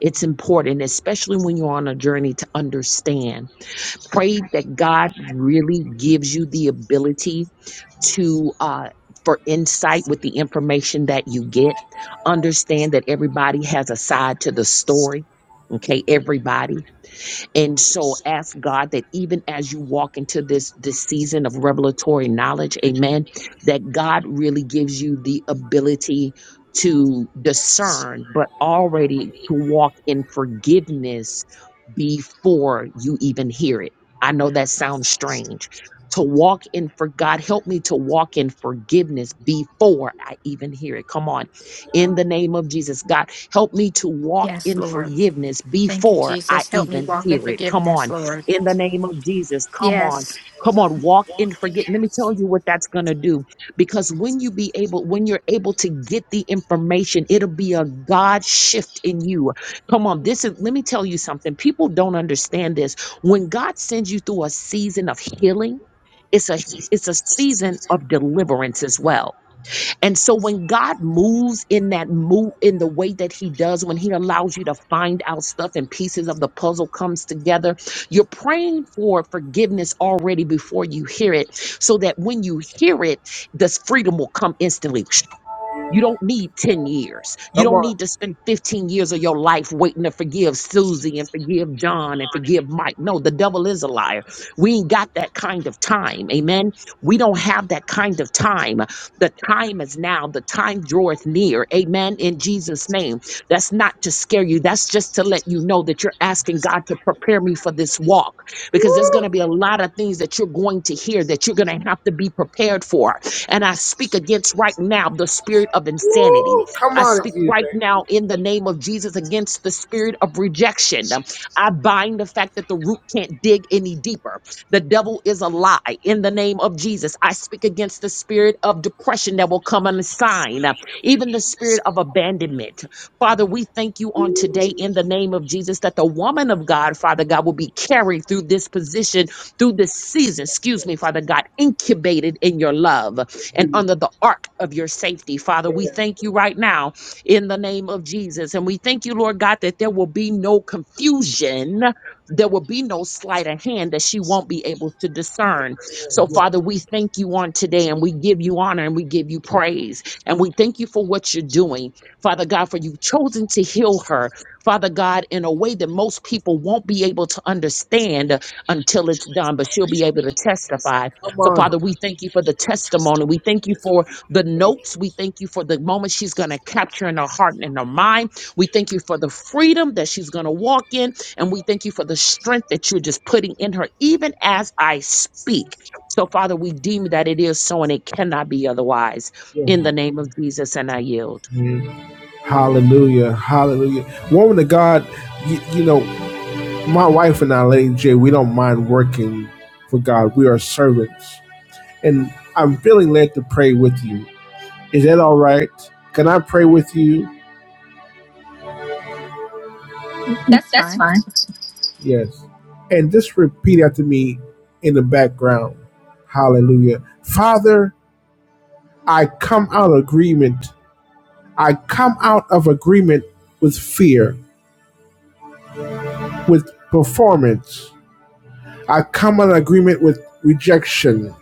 it's important, especially when you're on a journey to understand. Pray that God really gives you the ability to uh for insight with the information that you get. Understand that everybody has a side to the story. Okay, everybody. And so ask God that even as you walk into this this season of revelatory knowledge, amen, that God really gives you the ability to discern, but already to walk in forgiveness before you even hear it. I know that sounds strange. To walk in for God, help me to walk in forgiveness before I even hear it. Come on in the name of Jesus. God, help me to walk
Yes,
in
Lord.
forgiveness
Thank you,
before I
Jesus. Help me
even
walk in
hear it. Come
forgiveness,
on,
Lord.
in the name of Jesus. Come on,
Yes,
come on, walk in forgiveness. Let me tell you what that's going to do. Because when you be able, when you're able to get the information, it'll be a God shift in you. Come on, this is, let me tell you something. People don't understand this. When God sends you through a season of healing, it's a it's a season of deliverance as well and so when God moves in that move in the way that he does, when he allows you to find out stuff and pieces of the puzzle comes together, you're praying for forgiveness already before you hear it so that when you hear it, this freedom will come instantly. (sniffs) You don't need 10 years. You
Come
don't
on.
need to spend 15 years of your life waiting to forgive Susie and forgive John and forgive Mike. No, the devil is a liar. We ain't got that kind of time. Amen. We don't have that kind of time. The time is now. The time draweth near. Amen. In Jesus' name. That's not to scare you. That's just to let you know that you're asking God to prepare me for this walk because there's going to be a lot of things that you're going to hear that you're going to have to be prepared for. And I speak against right now the spirit of insanity.
Woo, Come
I
on,
speak right
Ethan.
now in the name of Jesus against the spirit of rejection. Um, I bind the fact that the root can't dig any deeper. The devil is a lie in the name of Jesus. I speak against the spirit of depression that will come on the sign, uh, even the spirit of abandonment. Father, we thank you on today in the name of Jesus that the woman of God, Father God, will be carried through this position, through this season, excuse me, Father God, incubated in your love and under the ark of your safety. Father, we thank you right now in the name of Jesus. And we thank you, Lord God, that there will be no confusion. There will be no sleight of hand that she won't be able to discern. So, Father, we thank you on today and we give you honor and we give you praise. And we thank you for what you're doing, Father God, for you've chosen to heal her, Father God, in a way that most people won't be able to understand until it's done, but she'll be able to testify
Come
so,
on.
Father, we thank you for the testimony. We thank you for the notes. We thank you for the moment she's going to capture in her heart and in her mind. We thank you for the freedom that she's going to walk in. And we thank you for the strength that you're just putting in her, even as I speak. So, Father, we deem that it is so and it cannot be otherwise. In the name of Jesus, and I yield.
Mhm. Hallelujah. Hallelujah. Woman of God, you, you know, my wife and I, Lady J, we don't mind working for God. We are servants. And I'm feeling led to pray with you. Is that all right? Can I pray with you?
that's fine.
Yes. And just repeat after me in the background. Hallelujah. Father, I come out of agreement. I come out of agreement with fear. with performance. I come in agreement with rejection.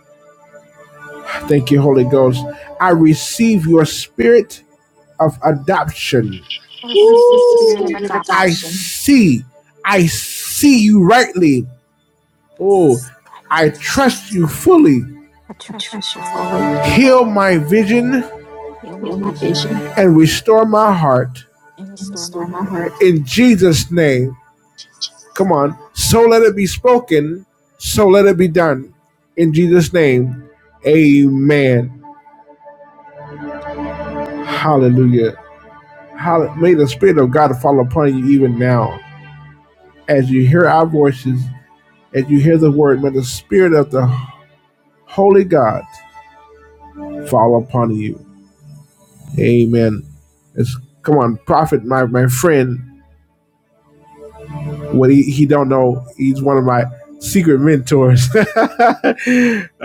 Thank you, Holy Ghost. I receive your spirit of adoption.
I receive the spirit
Woo!
of
I
adoption.
see. I see you rightly. Oh, I trust you fully.
I trust you fully.
Heal my vision
Heal my vision
and restore my heart.
and restore my heart.
In Jesus' name. Come on. So let it be spoken. So let it be done. In Jesus' name. Amen. Hallelujah. Hall- May the Spirit of God fall upon you even now. As you hear our voices, as you hear the word, may the Spirit of the Holy God fall upon you. Amen. It's, come on, prophet, my, my friend, what he, he don't know, he's one of my secret mentors. (laughs)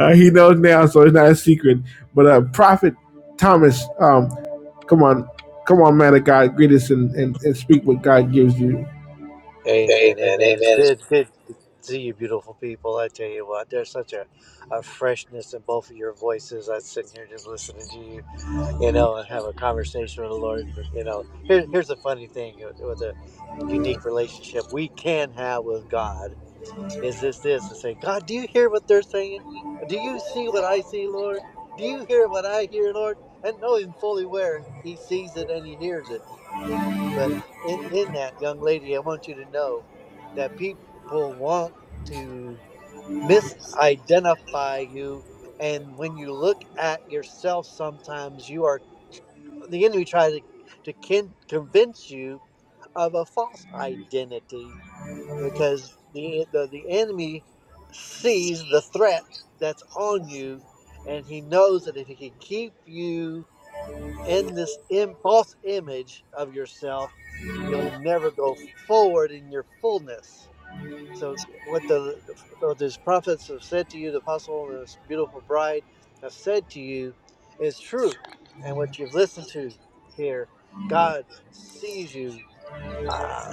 Uh, he knows now, so it's not a secret. But uh, prophet Thomas, um, come on, come on, man of God, greet us and, and, and speak what God gives you.
Amen. Amen. It's good, good to see you, beautiful people. I tell you what, there's such a, a freshness in both of your voices. I am sitting here just listening to you, you know, and have a conversation with the Lord. and, You know, here, here's the funny thing with with a unique relationship we can have with God is this this and say, God, do you hear what they're saying? Do you see what I see, Lord? Do you hear what I hear, Lord? And knowing fully where He sees it and He hears it but in, in that, young lady, I want you to know that people want to misidentify you. And when you look at yourself, sometimes you are the enemy tries to, to kin- convince you of a false identity because the, the, the enemy sees the threat that's on you and he knows that if he can keep you in this Im- false image of yourself, you'll never go forward in your fullness. So, what the what these prophets have said to you, the apostle and this beautiful bride have said to you, is true. And what you've listened to here, God sees you. Uh,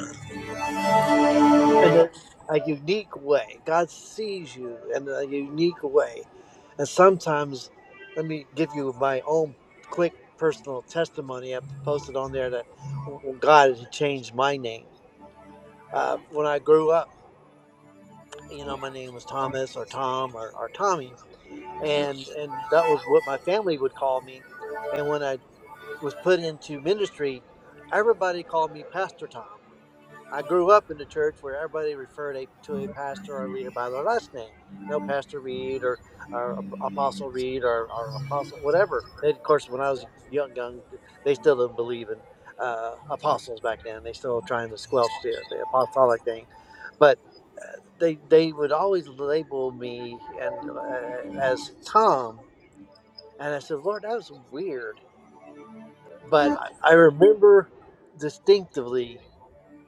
in a, a unique way. God sees you in a unique way. And sometimes, let me give you my own quick personal testimony. I posted on there that w- God had changed my name. Uh, when I grew up, you know, my name was Thomas or Tom or, or Tommy. And, and that was what my family would call me. And when I was put into ministry, everybody called me Pastor Tom. I grew up in the church where everybody referred a, to a pastor or a leader by their last name. No, Pastor Reed or, or Apostle Reed or, or Apostle, whatever. And of course, when I was young, young, they still didn't believe in uh, apostles back then. They still trying to squelch the, the apostolic thing. But they, they would always label me and uh, as Tom. And I said, Lord, that was weird. But I, I remember distinctively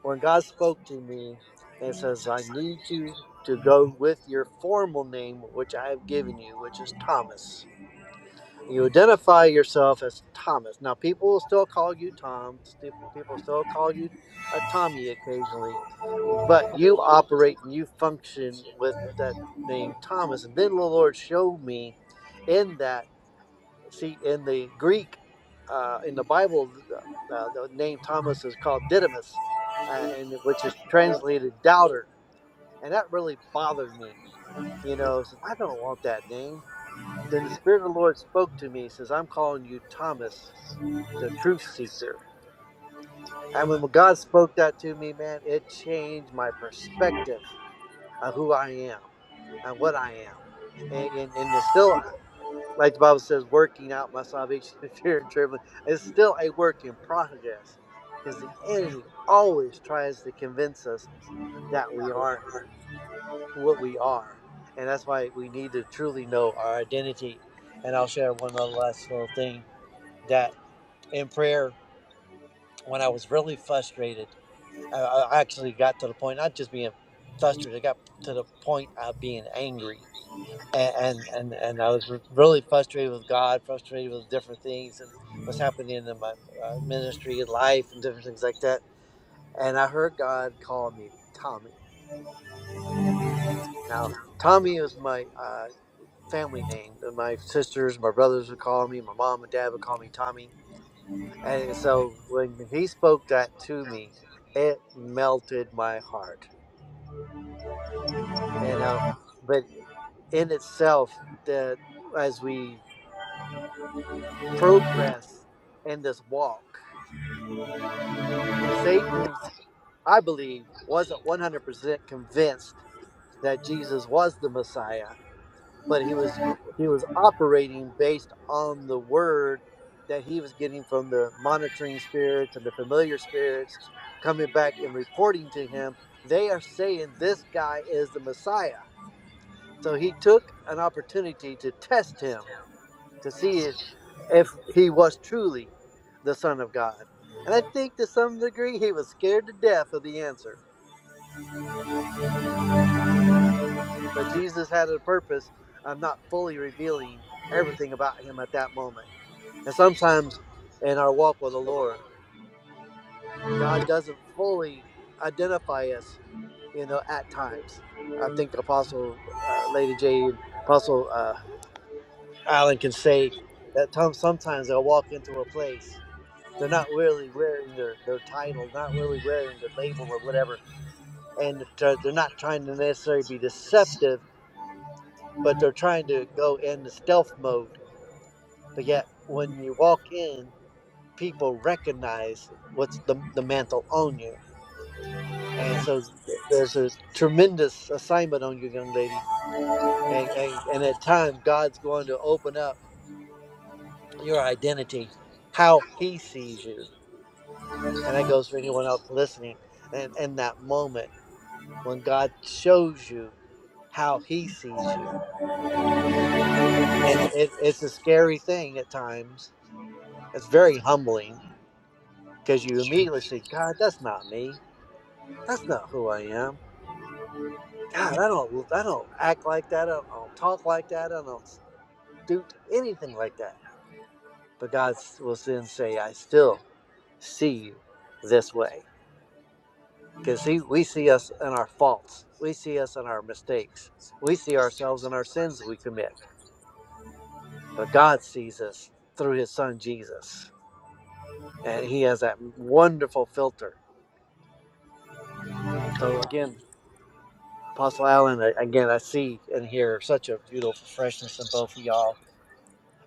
when God spoke to me and says, I need you to go with your formal name, which I have given you, which is Thomas. You identify yourself as Thomas. Now, people will still call you Tom, sti- people still call you a Tommy occasionally, but you operate and you function with that name Thomas. And then the Lord showed me in that. See, in the Greek, uh, in the Bible, the, uh, uh, the name Thomas is called Didymus, uh, and which is translated doubter. And that really bothered me. You know, I said, I don't want that name. Then the Spirit of the Lord spoke to me, says, I'm calling you Thomas, the truth seeker. And when God spoke that to me, man, it changed my perspective of who I am and what I am. And, and, and it's still, like the Bible says, working out my salvation (laughs) in fear and trembling. It's still a work in progress because the enemy always tries to convince us that we aren't what we are. And that's why we need to truly know our identity. And I'll share one other last little thing that in prayer, when I was really frustrated, I I actually got to the point, not just being frustrated, I got to the point of being angry and and and, I was re- really frustrated with God, frustrated with different things and what's happening in my uh, ministry and life and different things like that. And I heard God call me Tommy. Now, Tommy is my uh, family name. and My sisters, my brothers would call me. My mom and dad would call me Tommy. And so when He spoke that to me, it melted my heart. You know, but in itself, that as we progress in this walk. See, Satan, I believe, wasn't 100% convinced that Jesus was the Messiah, but he was he was operating based on the word that he was getting from the monitoring spirits and the familiar spirits coming back and reporting to him. They are saying this guy is the Messiah. So he took an opportunity to test him to see if, if he was truly the Son of God. And I think to some degree he was scared to death of the answer But Jesus had a purpose. I'm not fully revealing everything about him at that moment. And sometimes in our walk with the Lord, God doesn't fully identify us, you know, at times. I think Apostle uh, Lady J and Apostle uh, Alan can say that tom- sometimes they'll walk into a place, they're not really wearing their, their title, not really wearing their label or whatever. And tr- they're not trying to necessarily be deceptive, but they're trying to go in the stealth mode But yet, when you walk in, people recognize what's the, the mantle on you. And so th- there's a tremendous assignment on you, young lady. And, and, and at times, God's going to open up your identity, how He sees you. And that goes for anyone else listening. And in that moment, when God shows you how He sees you, and it, it, it's a scary thing at times, it's very humbling because you immediately say, God, that's not me That's not who I am. God, I don't I don't act like that. I don't, I don't talk like that. I don't do anything like that. But God will then say, I still see you this way. Because we see us in our faults. We see us in our mistakes. We see ourselves in our sins we commit. But God sees us through his son Jesus. And he has that wonderful filter. So again, Apostle Allen, I- again, I see and hear such a beautiful freshness in both of y'all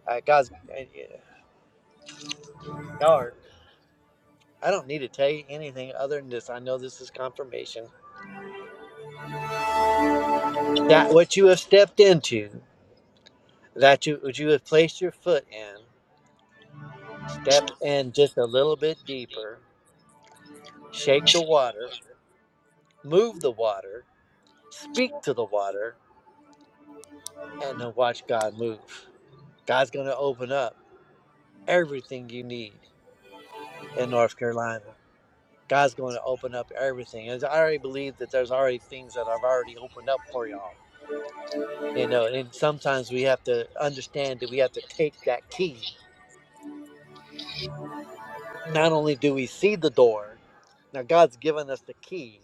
Uh, guys, uh, yeah, y'all are, I don't need to tell you anything other than this. I know this is confirmation that what you have stepped into, that you, what you have placed your foot in, step in just a little bit deeper, shake the water, move the water, speak to the water, and then watch God move. God's going to open up everything you need in North Carolina. God's going to open up everything. And I already believe that there's already things that I've already opened up for y'all you know and sometimes we have to understand that we have to take that key not only do we see the door now god's given us the key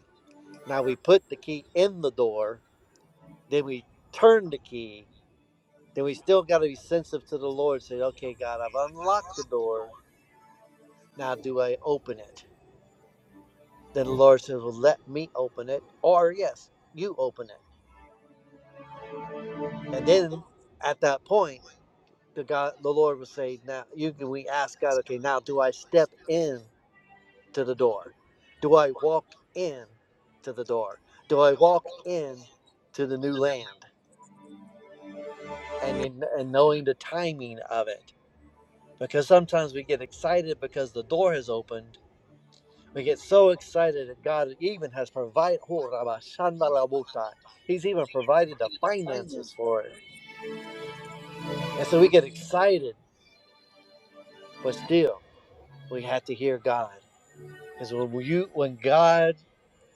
now we put the key in the door then we turn the key then we still got to be sensitive to the lord say okay god i've unlocked the door now do i open it then the lord says well let me open it or yes you open it and then at that point the god the lord will say now you can we ask god okay now do i step in to the door? Do I walk in to the door? Do I walk in to the new land and in, and knowing the timing of it? Because sometimes we get excited because the door has opened. We get so excited that God even has provided. He's even provided the finances for it, and so we get excited. But still, we have to hear God because when you when God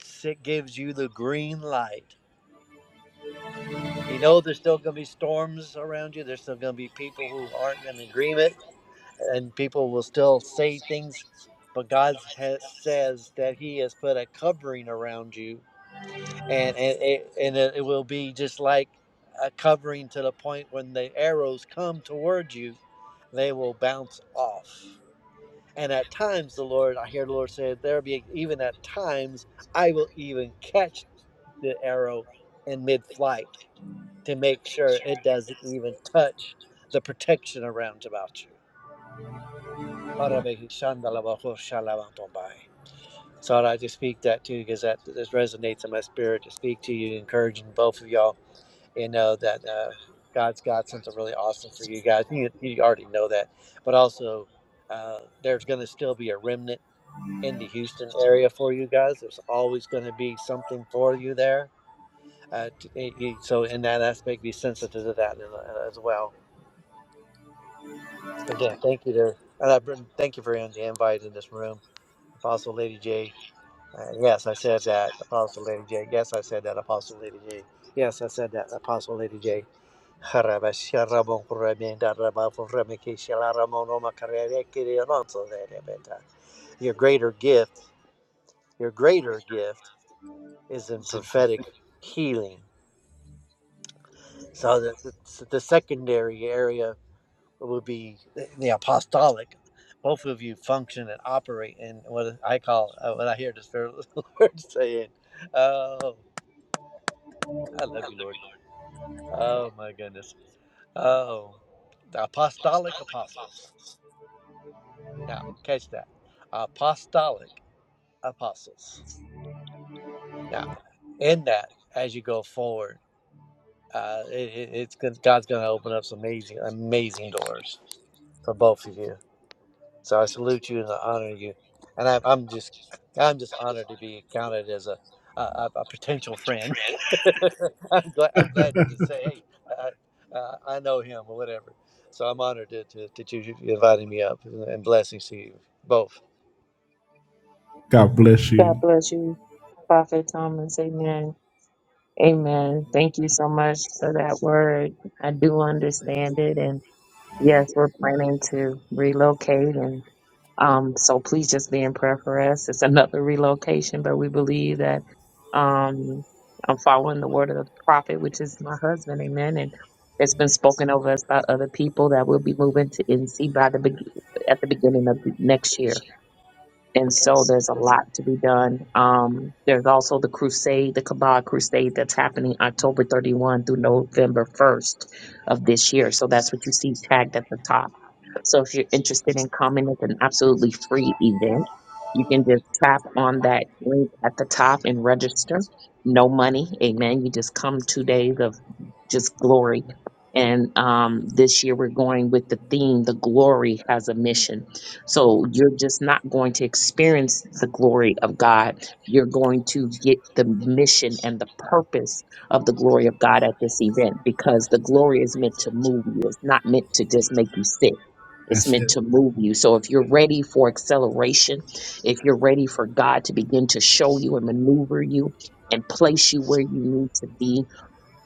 si- gives you the green light You know, there's still going to be storms around you. There's still going to be people who aren't in agreement, and people will still say things. But God has, says that He has put a covering around you, and and it, and it will be just like a covering to the point when the arrows come towards you, they will bounce off. And at times, the Lord, I hear the Lord say, there be even at times I will even catch the arrow in mid-flight to make sure it doesn't even touch the protection around about you. So I'd like to speak that to you because that this resonates in my spirit to speak to you, encouraging both of y'all and know that uh, God's got something really awesome for you guys. You, you already know that, but also uh, there's going to still be a remnant in the Houston area for you guys. There's always going to be something for you there. Uh, t- eh, you, so in that aspect, be sensitive to that in- uh, as well Again, thank you there. Uh, Brendan, thank you for the invite in this room. Apostle Lady J. Uh, yes, I said that. Apostle Lady J. Yes, I said that. Apostle Lady J. Yes, I said that. Apostle Lady J. (laughs) Your greater gift, your greater gift is in prophetic healing. So the, the, the secondary area would be eh, the apostolic. Both of you function and operate in what I call, uh, what I hear the Spirit of the (laughs) Lord saying. Oh, I love you, Lord. Oh, my goodness. Oh, the apostolic apostles. Now, catch that. Apostolic apostles. Now, in that, as you go forward, uh, it, it- it's good. God's going to open up some amazing, amazing doors for both of you So I salute you and I honor you, and I'm I'm just I'm just honored to be counted as a a, a a potential friend. (laughs) I'm glad I'm glad to just say hey I I, uh, I know him or whatever. So I'm honored to, to, that you you invited me up and and blessings to you both.
God bless you.
God bless you, Prophet Thomas. Amen. Amen. Thank you so much for that word. I do understand it. and. Yes, we're planning to relocate and um so please just be in prayer for us. It's another relocation, but we believe that um I'm following the word of the prophet, which is my husband, amen. And it's been spoken over us by other people that we'll be moving to NC by the be- at the beginning of the next year. And so there's a lot to be done. Um, there's also the crusade, the Kabbalah crusade that's happening October 31 through November 1st of this year. So that's what you see tagged at the top. So if you're interested in coming, it's an absolutely free event. You can just tap on that link at the top and register. No money. Amen. You just come two days of just glory. And um, this year we're going with the theme, the glory has a mission so you're just not going to experience the glory of God. You're going to get the mission and the purpose of the glory of God at this event because the glory is meant to move you. It's not meant to just make you sit. It's
That's
meant
it.
to move you. So if you're ready for acceleration, if you're ready for God to begin to show you and maneuver you and place you where you need to be,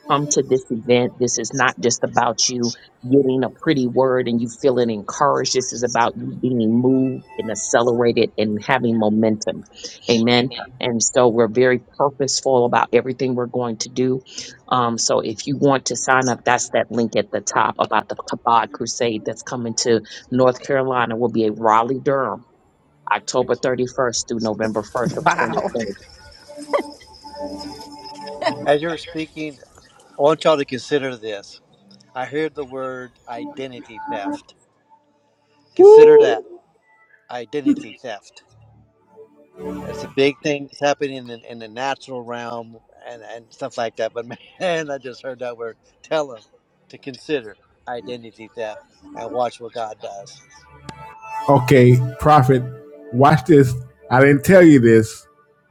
come to this event. This is not just about you getting a pretty word and you feeling encouraged. This is about you being moved and accelerated and having momentum. Amen. And so we're very purposeful about everything we're going to do. Um, so if you want to sign up, that's that link at the top about the Kabod Crusade that's coming to North Carolina. Will be a Raleigh Durham, October 31st through November 1st
(laughs)
of
Wow.
2020.
As you were speaking, I want y'all to consider this. I heard the word identity theft. Consider that identity theft It's a big thing that's happening in the, in the natural realm and, and stuff like that. But (laughs) man, I just heard that word. Tell them to consider identity theft and watch what God does.
Okay, Prophet, watch this. I didn't tell you this,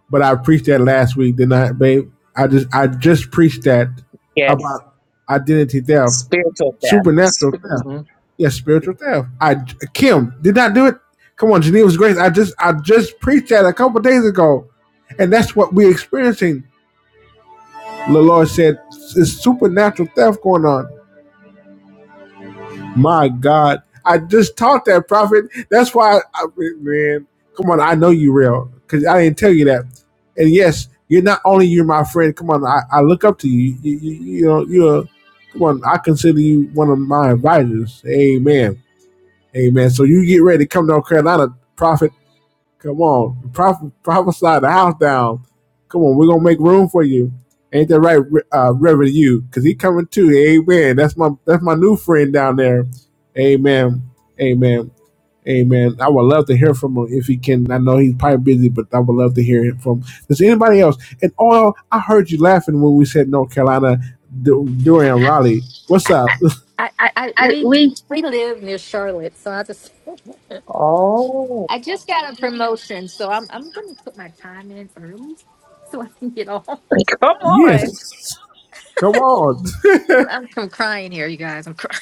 but I preached that last week, didn't I, babe? I just I just preached that
Yes,
about identity theft,
spiritual death.
supernatural theft.
hmm
Yes, spiritual theft. I Kim did not do it. Come on, Geneva's grace. I just I just preached that a couple of days ago, and that's what we're experiencing. The Lord said, "It's supernatural theft going on." My God, I just taught that prophet. That's why, I, man. Come on, I know you real because I didn't tell you that. And yes, you're not only you're my friend. Come on, I, I look up to you. You, you, you know, you're. Come on, I consider you one of my advisors. Amen. Amen. So you get ready to come to North Carolina, prophet. Come on, proph- prophesy the house down. Come on, we're gonna make room for you. Ain't that right, uh, Reverend? You, cause he coming too. Amen. That's my that's my new friend down there. Amen. Amen. Amen. I would love to hear from him if he can. I know he's probably busy, but I would love to hear him from. Does anybody else? And oh, I heard you laughing when we said North Carolina du- during Raleigh. What's
I,
up?
I,
I,
I
I,
we
we
we live near Charlotte, so I just
Oh,
(laughs) I just got a promotion, so I'm I'm gonna put my time in early so I can get off.
Come on.
Yes. Come on. (laughs)
I'm, I'm crying here, you guys. I'm crying.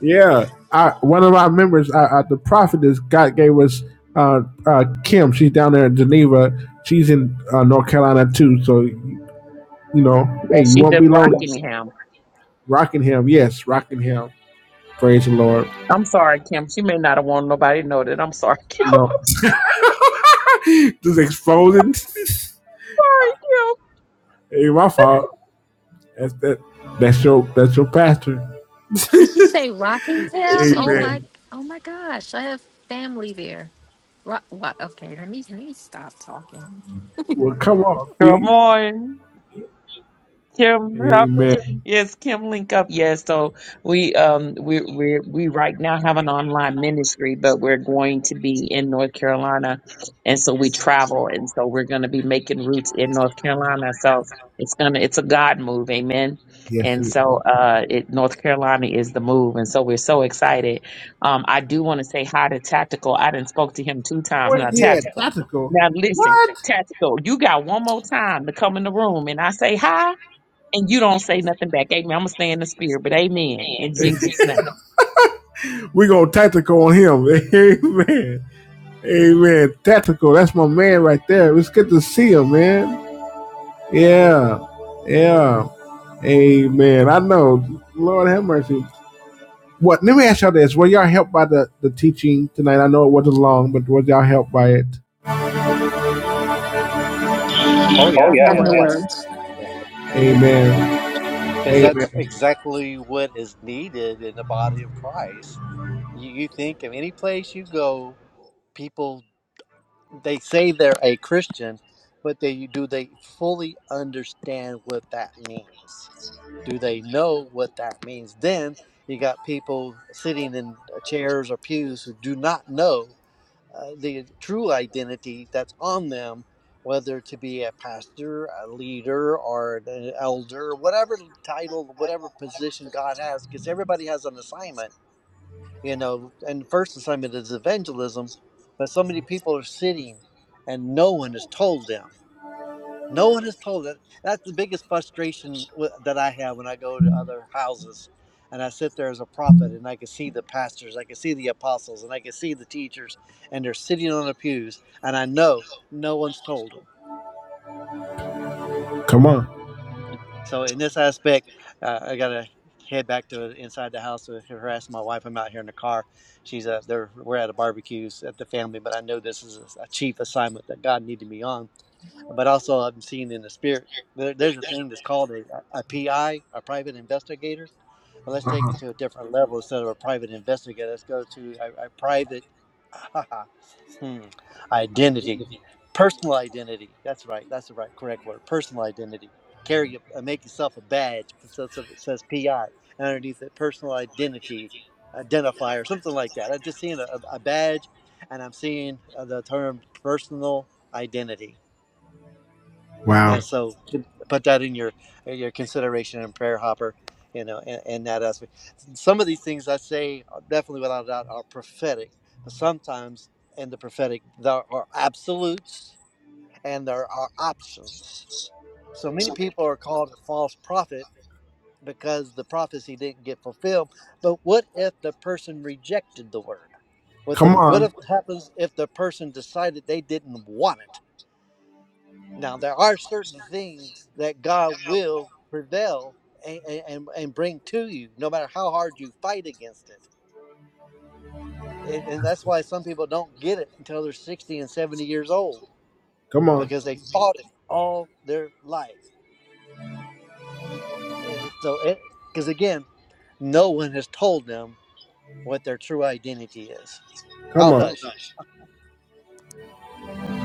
Yeah, I, one of our members, uh, uh, the prophetess God gave us uh, uh, Kim. She's down there in Geneva. She's in uh, North Carolina too. So you know,
Yeah,
hey, you
she she's
won't
in
be lonely.
Rockingham.
Rockingham, yes, Rockingham. Praise the Lord.
I'm sorry, Kim. She may not have wanted nobody to know that. I'm sorry, (laughs)
I
Kim.
know.
I'm so
(laughs) Just exposing.
sorry, Kim.
(laughs) ain't my fault. That's that. That's your. That's your pastor.
Did you say Rockingham? Oh my
Amen.
oh my gosh, I have family there. Rock, what? Okay, let me let me stop talking.
Well, come on,
Come
see.
on. Kim Robin.
Amen.
Yes, Kim Link Up. Yes, so we um we we we right now have an online ministry, but we're going to be in North Carolina, and so we travel, and so we're going to be making roots in North Carolina. So it's gonna it's a God move, Amen.
Yes,
And
it is.
so uh, it North Carolina is the move, and so we're so excited. Um, I do want to say hi to Tactical. I didn't spoke to him two times
Well,
now.
yeah,
Tactical.
tactical.
Now listen,
What?
Tactical, you got one more time to come in the room, and I say hi and you don't say nothing back. Amen. I'm gonna stay in the spirit, but amen. In
(laughs)
Jesus' name.
we go tactical on him. (laughs) Amen. Amen. Tactical. That's my man right there. It's good to see him, man. Yeah. Yeah. Amen. I know. Lord have mercy. What let me ask y'all this. Were y'all helped by the, the teaching tonight? I know it wasn't long, but was y'all helped by it?
Oh
I
yeah,
have no
yeah,
words.
yeah.
Amen.
Because that's
Amen.
exactly what is needed in the body of Christ. You, you think of any place you go, people, they say they're a Christian, but they do they fully understand what that means? do they know what that means then you got people sitting in uh, chairs or pews who do not know uh, the true identity that's on them whether to be a pastor a leader or an uh, elder whatever title whatever position god has because everybody has an assignment you know and the first assignment is evangelism but so many people are sitting and no one has told them no one has told it. That's the biggest frustration wi- that I have when I go to other houses and I sit there as a prophet and I can see the pastors, I can see the apostles, and I can see the teachers, and they're sitting on the pews, and I know no one's told them.
Come on.
So, in this aspect, uh, I got to head back to inside the house to harass my wife. I'm out here in the car. She's uh, there. We're at a barbecues at the family, but I know this is a, a chief assignment that God needed me on but also I'm seeing in the spirit. There, there's a thing that's called a, a PI, a private investigator. But let's take
Uh-huh.
it to a different Mhm. level instead of a private investigator. Let's go to a, a private (laughs) hmm, identity, personal identity. That's right. That's the right correct word. Personal identity. Carry your- uh, make yourself a badge. So, so it says PI and underneath it, personal identity identifier, something like that. I'm just seeing a, a a badge, and I'm seeing uh, the term personal identity a-
Wow.
and so to put that in your in your consideration and prayer hopper you know and, and that aspect some of these things i say are definitely without a doubt are prophetic but sometimes in the prophetic there are absolutes and there are options so many people are called a false prophet because the prophecy didn't get fulfilled but what if the person rejected the word what the
Come
what
on.
if happens if the person decided they didn't want it now, there are certain things that God will prevail and, and, and bring to you, no matter how hard you fight against it. And, and that's why some people don't get it until they're 60 and 70 years old
Come on.
because they fought it all their life. And it, so, because again, no one has told them what their true identity is.
Come
I'll
on.
hush.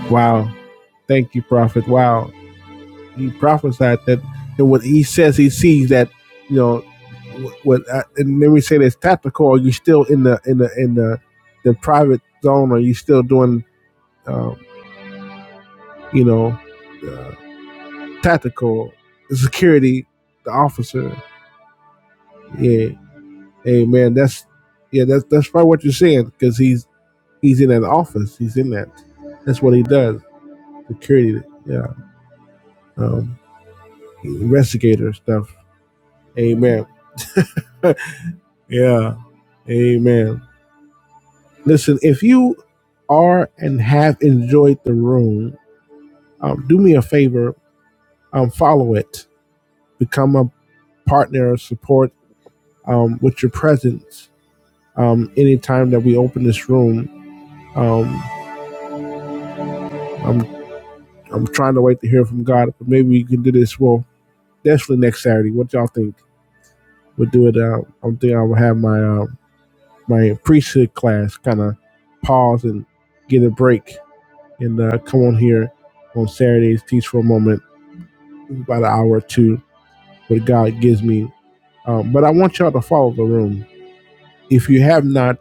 Wow. Thank you, Prophet. Wow. he prophesied that and what he says he sees that you know wh- what uh, and then we say that's tactical are you still in the in the in the the private zone Or are you still doing um, you know uh, tactical security the officer yeah hey man that's yeah that's that's probably what you're saying because he's he's in that office he's in that that's what he does security yeah um investigator stuff amen (laughs) yeah amen Listen, if you are and have enjoyed the room, um, do me a favor, um, follow it, become a partner or support um, with your presence. Um, anytime that we open this room, um, I'm I'm trying to wait to hear from God, but maybe we can do this. Well, definitely next Saturday. What y'all think? We'll do it. Uh, I'm thinking I will have my uh, my priesthood class kind of pause and get a break and uh, come on here on Saturdays, teach for a moment about an hour or two what God gives me. Um, but I want y'all to follow the room. If you have not,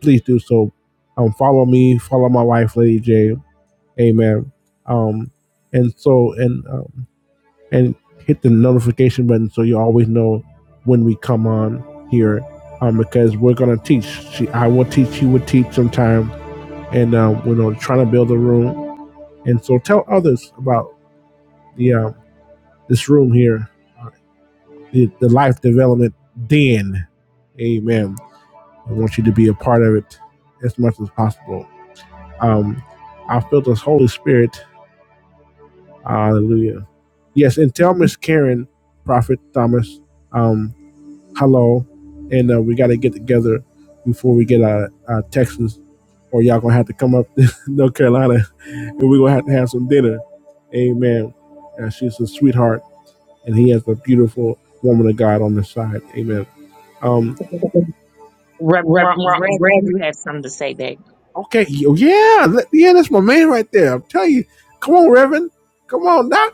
please do so. Um, follow me, follow my wife, Lady J. Amen. Um, and so and um, and hit the notification button so you always know when we come on here. Um, because we're gonna teach. She, I will teach. She will teach sometime. And um, we're you know, trying to build a room. And so tell others about the um, this room here. the, the life development den. Amen. I want you to be a part of it as much as possible. Um, I feel this Holy Spirit. Hallelujah. Yes, and tell Miss Karen, Prophet Thomas, um, hello, and uh, we got to get together before we get out of uh, Texas, or y'all gonna have to come up (laughs) to North Carolina, and we're gonna have to have some dinner. Amen. Uh, she's a sweetheart, and he has a beautiful woman of God on the side. Amen. Um,
Reverend, Ron- Reverend you have something to say back.
Okay, yeah, yeah, that's my man right there. I'm telling you, come on, Reverend, come on, Doc.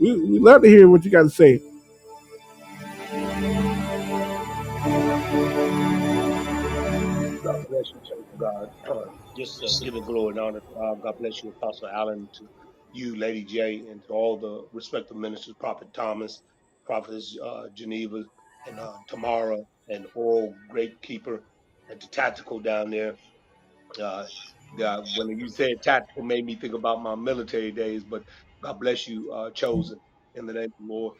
We we love to hear what you got to say.
God bless you. Thank you, God. (clears throat) just uh, giving glory and honor to God. God bless you, Apostle Allen, to you, Lady J, and to all the respective ministers, Prophet Thomas, Prophetess uh, Geneva, and uh, Tamara, and all great keeper, and the tactical down there. Uh, the, when you said tactical, made me think about my military days. But God bless you, uh, chosen in the name of the Lord.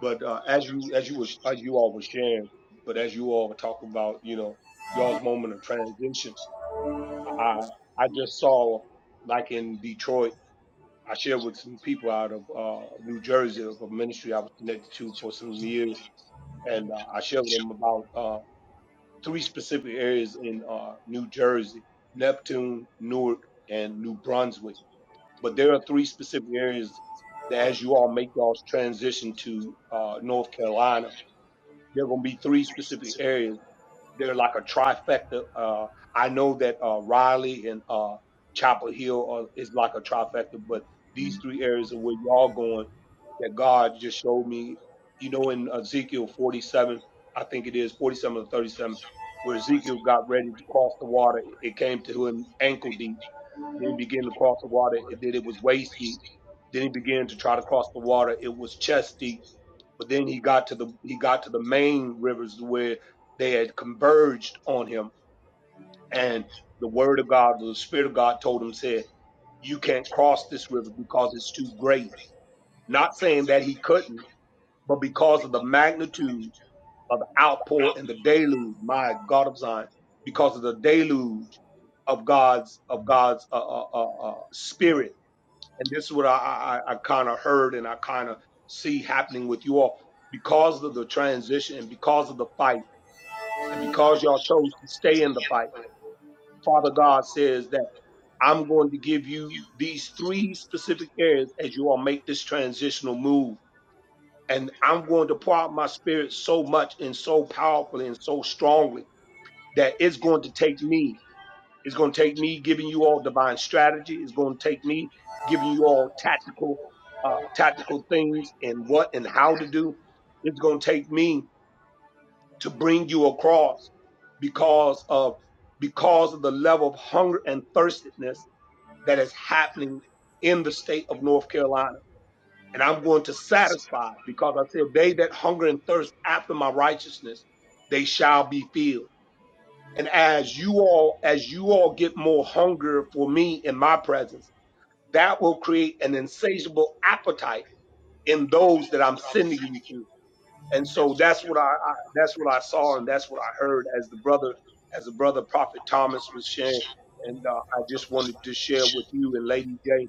But uh, as you as you were as you all were sharing, but as you all were talking about, you know, y'all's moment of transition, I I just saw like in Detroit. I shared with some people out of uh, New Jersey of a ministry I was connected to for some years, and uh, I shared with them about. uh, three specific areas in uh, New Jersey Neptune, Newark, and New Brunswick. But there are three specific areas that, as you all make y'all's transition to uh, North Carolina, there are going to be three specific areas they're like a trifecta. Uh, I know that uh, Riley and uh, Chapel Hill are, is like a trifecta, but these three areas are where y'all going that God just showed me. You know, in Ezekiel 47, I think it is 47 or 37, where Ezekiel got ready to cross the water, it came to him ankle deep. Then he began to cross the water, and then it was waist deep. Then he began to try to cross the water, it was chest deep but then he got to the he got to the main rivers where they had converged on him, and the word of God, the spirit of God, told him said, "You can't cross this river because it's too great." Not saying that he couldn't, but because of the magnitude of the outpour and the deluge, my God of Zion, because of the deluge of God's of God's uh, uh, uh, uh, spirit and this is what I, I, I kind of heard and I kind of see happening with you all because of the transition and because of the fight and because y'all chose to stay in the fight. Father God says that I'm going to give you these three specific areas as you all make this transitional move. And I'm going to pour out my spirit so much and so powerfully and so strongly that it's going to take me. It's going to take me giving you all divine strategy. It's going to take me giving you all tactical, uh, tactical things and what and how to do. It's going to take me to bring you across because of, because of the level of hunger and thirstiness that is happening in the state of North Carolina. And I'm going to satisfy because I said, they that hunger and thirst after my righteousness, they shall be filled. And as you all, as you all get more hunger for me in my presence, that will create an insatiable appetite in those that I'm sending you to. And so that's what I, I that's what I saw and that's what I heard as the brother, as the brother prophet Thomas was sharing. And uh, I just wanted to share with you and Lady J.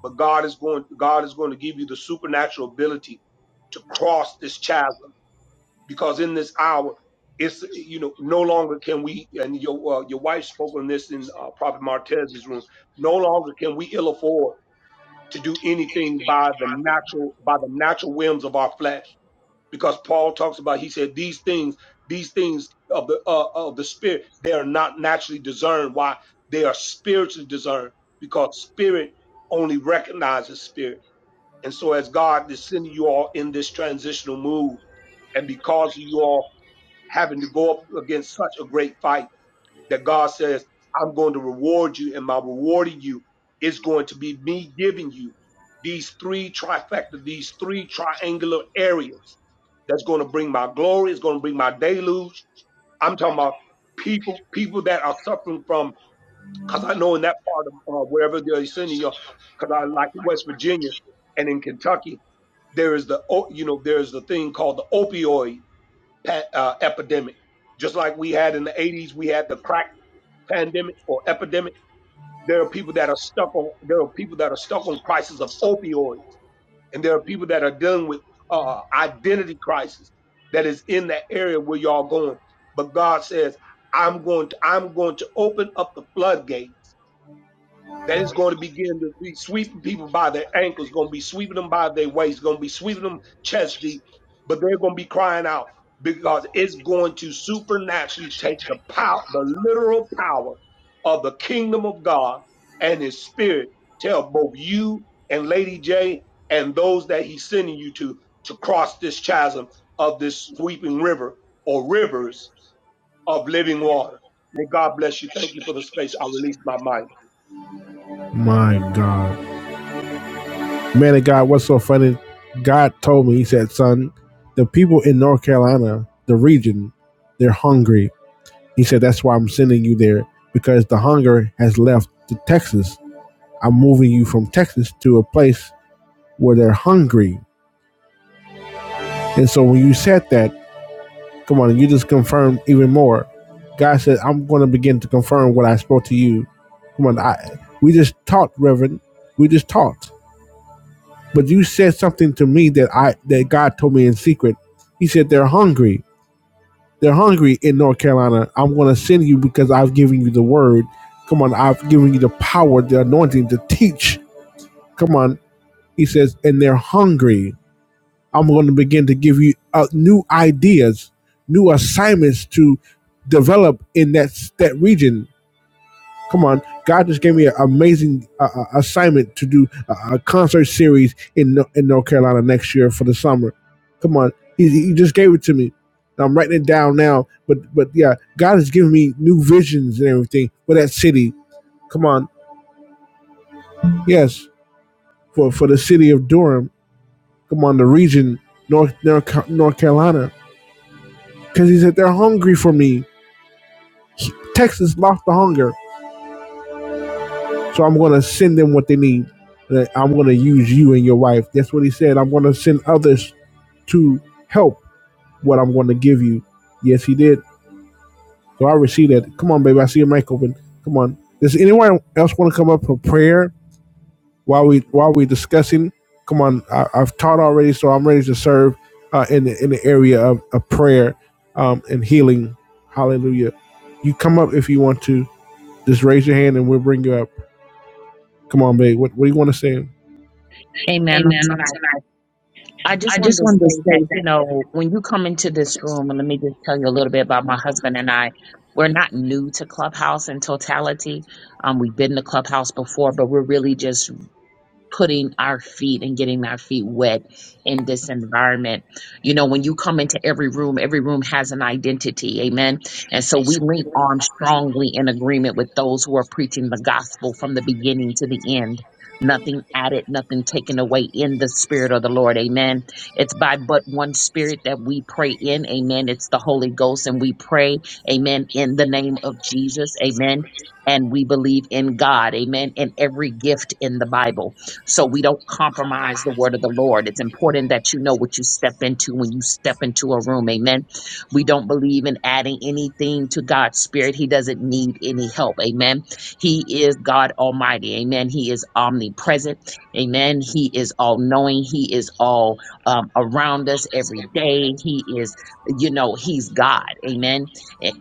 But God is going, God is going to give you the supernatural ability to cross this chasm because in this hour it's you know no longer can we and your uh, your wife spoke on this in uh, prophet martez's room no longer can we ill afford to do anything by the natural by the natural whims of our flesh because paul talks about he said these things these things of the uh, of the spirit they are not naturally discerned why they are spiritually discerned because spirit only recognizes spirit and so as god is sending you all in this transitional move and because of you all having to go up against such a great fight that God says, I'm going to reward you, and my rewarding you is going to be me giving you these three trifecta, these three triangular areas that's going to bring my glory, it's going to bring my deluge. I'm talking about people, people that are suffering from, because I know in that part of uh, wherever they're sending you, because I like in West Virginia and in Kentucky, there is the, o- you know, there's the thing called the opioid pa- uh, epidemic. Just like we had in the 80s, we had the crack pandemic or epidemic. There are people that are stuck on, there are people that are stuck on crisis of opioids. And there are people that are dealing with uh, identity crisis that is in that area where y'all going. But God says, I'm going to, I'm going to open up the floodgate that is going to begin to be sweeping people by their ankles, going to be sweeping them by their waist, going to be sweeping them chest deep, but they're going to be crying out because it's going to supernaturally take the power, the literal power of the kingdom of God and his spirit tell both you and Lady J and those that he's sending you to to cross this chasm of this sweeping river or rivers of living water. May God bless you. Thank you for the space. I release my mic.
My God, man of God, what's so funny? God told me, He said, "Son, the people in North Carolina, the region, they're hungry." He said, "That's why I'm sending you there because the hunger has left to Texas. I'm moving you from Texas to a place where they're hungry." And so when you said that. Come on, you just confirmed even more. God said, I'm going to begin to confirm what I spoke to you. Come on, I, we just talked, Reverend. We just talked. But you said something to me that I that God told me in secret. He said they're hungry. They're hungry in North Carolina. I'm going to send you because I've given you the word. Come on, I've given you the power, the anointing to teach. Come on, he says, and they're hungry. I'm going to begin to give you uh, new ideas, new assignments to develop in that that region. Come on, God just gave me an amazing uh, uh, assignment to do a, concert series in in North Carolina next year for the summer. Come on, He, he just gave it to me. I'm writing it down now, but but yeah, God has given me new visions and everything for that city. Come on, yes, for for the city of Durham. Come on, the region North North, North Carolina Because he said, They're hungry for me. Texas lost the hunger. So I'm going to send them what they need. Like, I'm going to use you and your wife. That's what he said. I'm going to send others to help what I'm going to give you. Yes, he did. So I received that. Come on, baby. I see your mic open. Come on. Does anyone else want to come up for prayer while we while we're discussing? Come on. I, I've taught already, so I'm ready to serve uh, in the in the area of, of prayer um, and healing. Hallelujah. You come up if you want to. Just raise your hand and we'll bring you up. Come on, babe. What, what do you want to say?
Amen on tonight. I just wanted to say that, you know, when you come into this room, and let me just tell you a little bit about my husband and I. We're not new to Clubhouse in totality. Um, we've been to Clubhouse before, but we're really just putting our feet and getting our feet wet in this environment. You know, when you come into every room, every room has an identity. Amen. And so we link arms strongly in agreement with those who are preaching the gospel from the beginning to the end. Nothing added, nothing taken away in the spirit of the Lord. Amen. It's by but one spirit that we pray in. Amen. It's the Holy Ghost and we pray. Amen. In the name of Jesus. Amen. And we believe in God. Amen. And every gift in the Bible so we don't compromise the word of the Lord. It's important that you know what you step into when you step into a room. Amen. We don't believe in adding anything to God's spirit. He doesn't need any help. Amen. He is God Almighty. Amen. He is omnipresent. Amen. He is all knowing. He is all um, around us every day. He is, you know, He's God. Amen.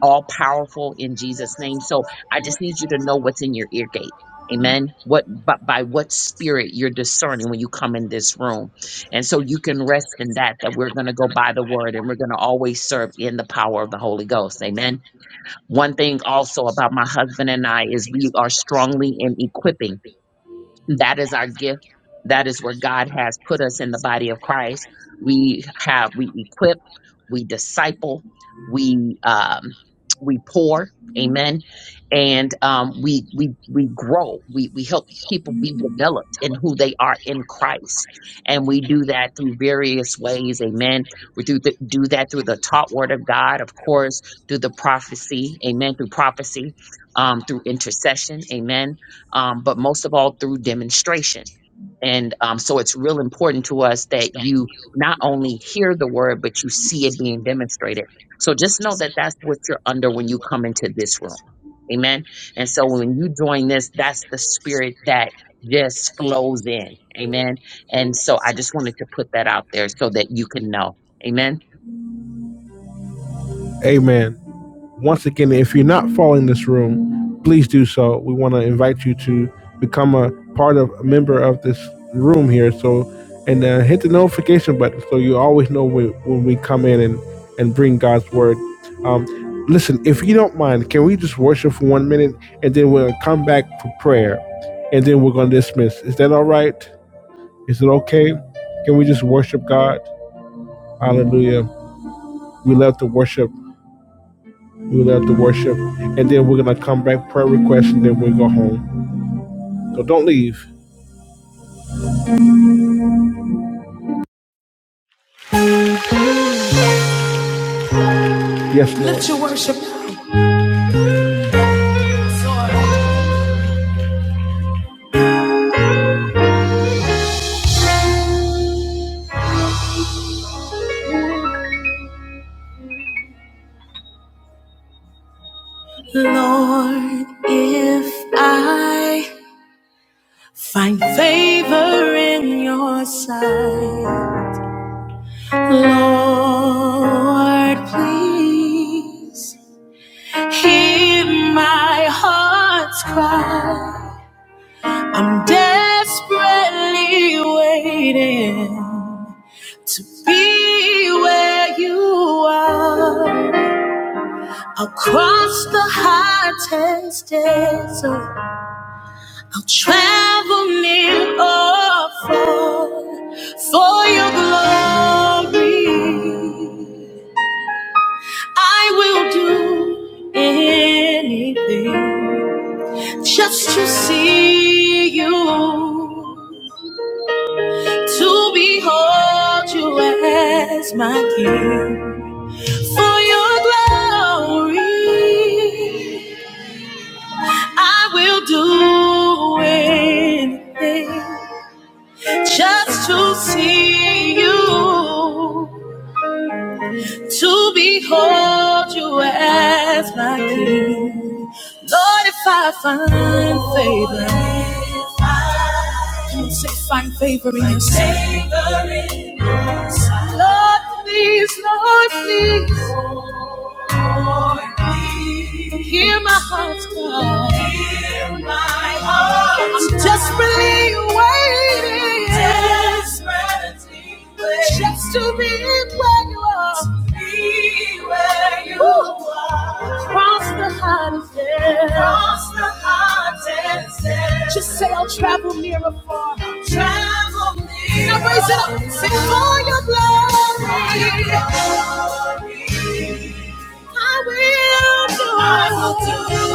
All powerful in Jesus' name. So I just need you to know what's in your ear gate. Amen. What but by what spirit you're discerning when you come in this room. And so you can rest in that that we're going to go by the word and we're going to always serve in the power of the Holy Ghost. Amen. One thing also about my husband and I is we are strongly in equipping. That is our gift. That is where God has put us in the body of Christ. We have, we equip, we disciple, we, um, we pour. Amen. And, um, we, we, we grow. We, we help people be developed in who they are in Christ. And we do that through various ways. Amen. We do, th- do that through the taught word of God, of course, through the prophecy. Amen. Through prophecy, um, through intercession. Amen um, but most of all through demonstration. And um, so it's real important to us that you not only hear the word, but you see it being demonstrated. So just know that that's what you're under when you come into this room. Amen. And so when you join this, that's the spirit that just flows in. Amen. And so I just wanted to put that out there so that you can know. Amen.
Amen. Once again, if you're not following this room, please do so. We want to invite you to become a part of a member of this room here. So, and uh, hit the notification button so you always know when, when we come in and, and bring God's word. Um, listen, if you don't mind, can we just worship for one minute and then we'll come back for prayer and then we're going to dismiss? Is that all right? Is it okay? Can we just worship God? Hallelujah. We love to worship. We love to worship. And then we're going to come back, prayer request, and then we'll go home. So don't leave. Yes, Lord. Lord, if I find favor in your sight, Lord, please hear my heart's cry. I'm desperately waiting Be where you are. I'll cross the hottest desert. I'll travel near or far for your glory. I will do anything just to see you, to behold you as my king. For your glory, I will do anything just to see you to behold you as my king. Lord, if I find favor, Come on, say find favor in your sight. Lord, please, Lord, please, hear my heart's cry. I'm desperately waiting, just to be where you are. Be where you are. Cross the hottest air. Cross the hottest air. Just say, I'll travel near or far. I'll travel near. Now raise it up. Sing for your glory. For your glory. I will do I will do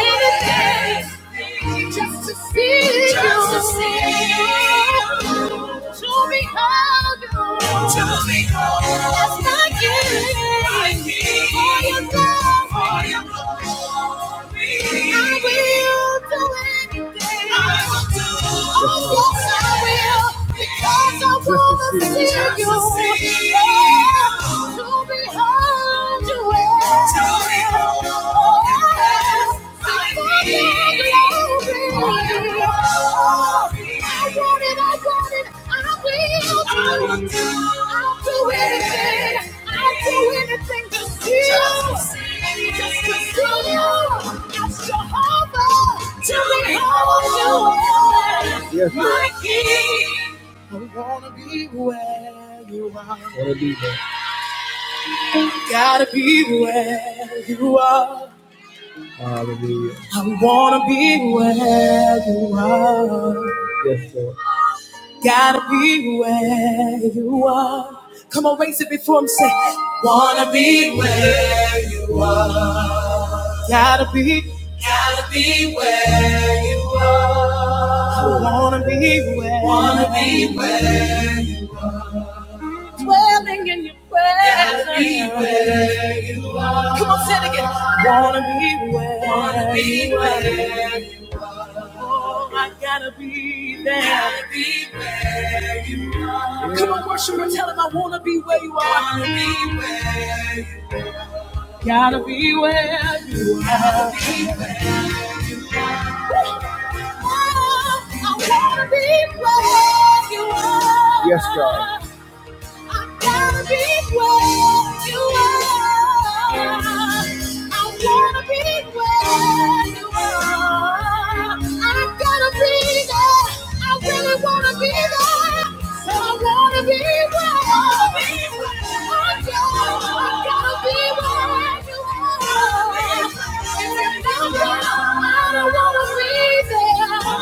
anything. Just to see Just to you. to see you. To be held you. To be held. As my king. For your love. For your glory. I will do anything. I will do. Oh, yes, I will. Because I want to see you. Oh, To behold you. To behold you. Yes, I will. Yes, my King. I wanna be where you are. Gotta be where you are. I wanna be where you are. Gotta be where you are. Come on, raise it before him. Say, gotta be. I wanna be where. Wanna be dwelling in your presence. Gotta be where. Come on, say it again. Wanna be where. Wanna be where. Oh, I gotta be there. Gotta be Come on, worship and tell him I wanna be where you are. Gotta be where, you are. I wanna be where you are. Yes. Gotta be where you are. I wanna be where you are. I gotta be there. I really wanna be there. So I wanna be where. I gotta, I gotta be where you are. And if I'm not, I don't wanna be there.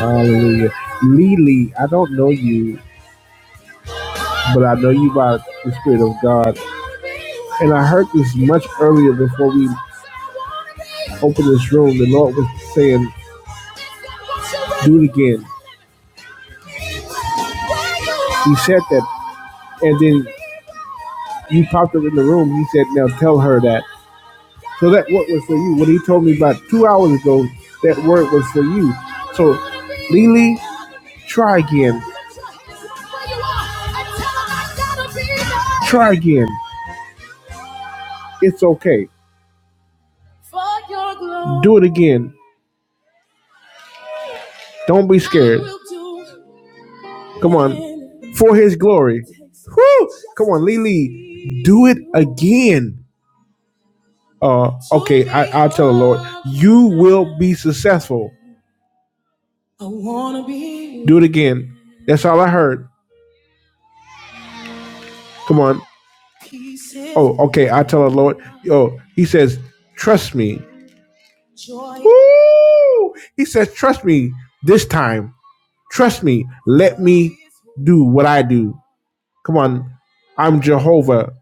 Hallelujah. Lily, I don't know you. but I know you by the Spirit of God. And I heard this much earlier before we opened this room. The Lord was saying, Do it again. He said that, and then you popped up in the room. He said, Now tell her that. So that word was for you. When he told me about two hours ago, that word was for you. So, Lily, try again. Try again. It's okay. Do it again. Don't be scared. Come on. For his glory. Woo! Come on, Lily. Do it again. Uh, okay, I, I'll tell the Lord, you will be successful. Do it again. That's all I heard. Come on. Oh, okay, I tell the Lord. Oh, he says, trust me. Woo! He says, trust me this time. Trust me. Let me do what I do. Come on. I'm Jehovah.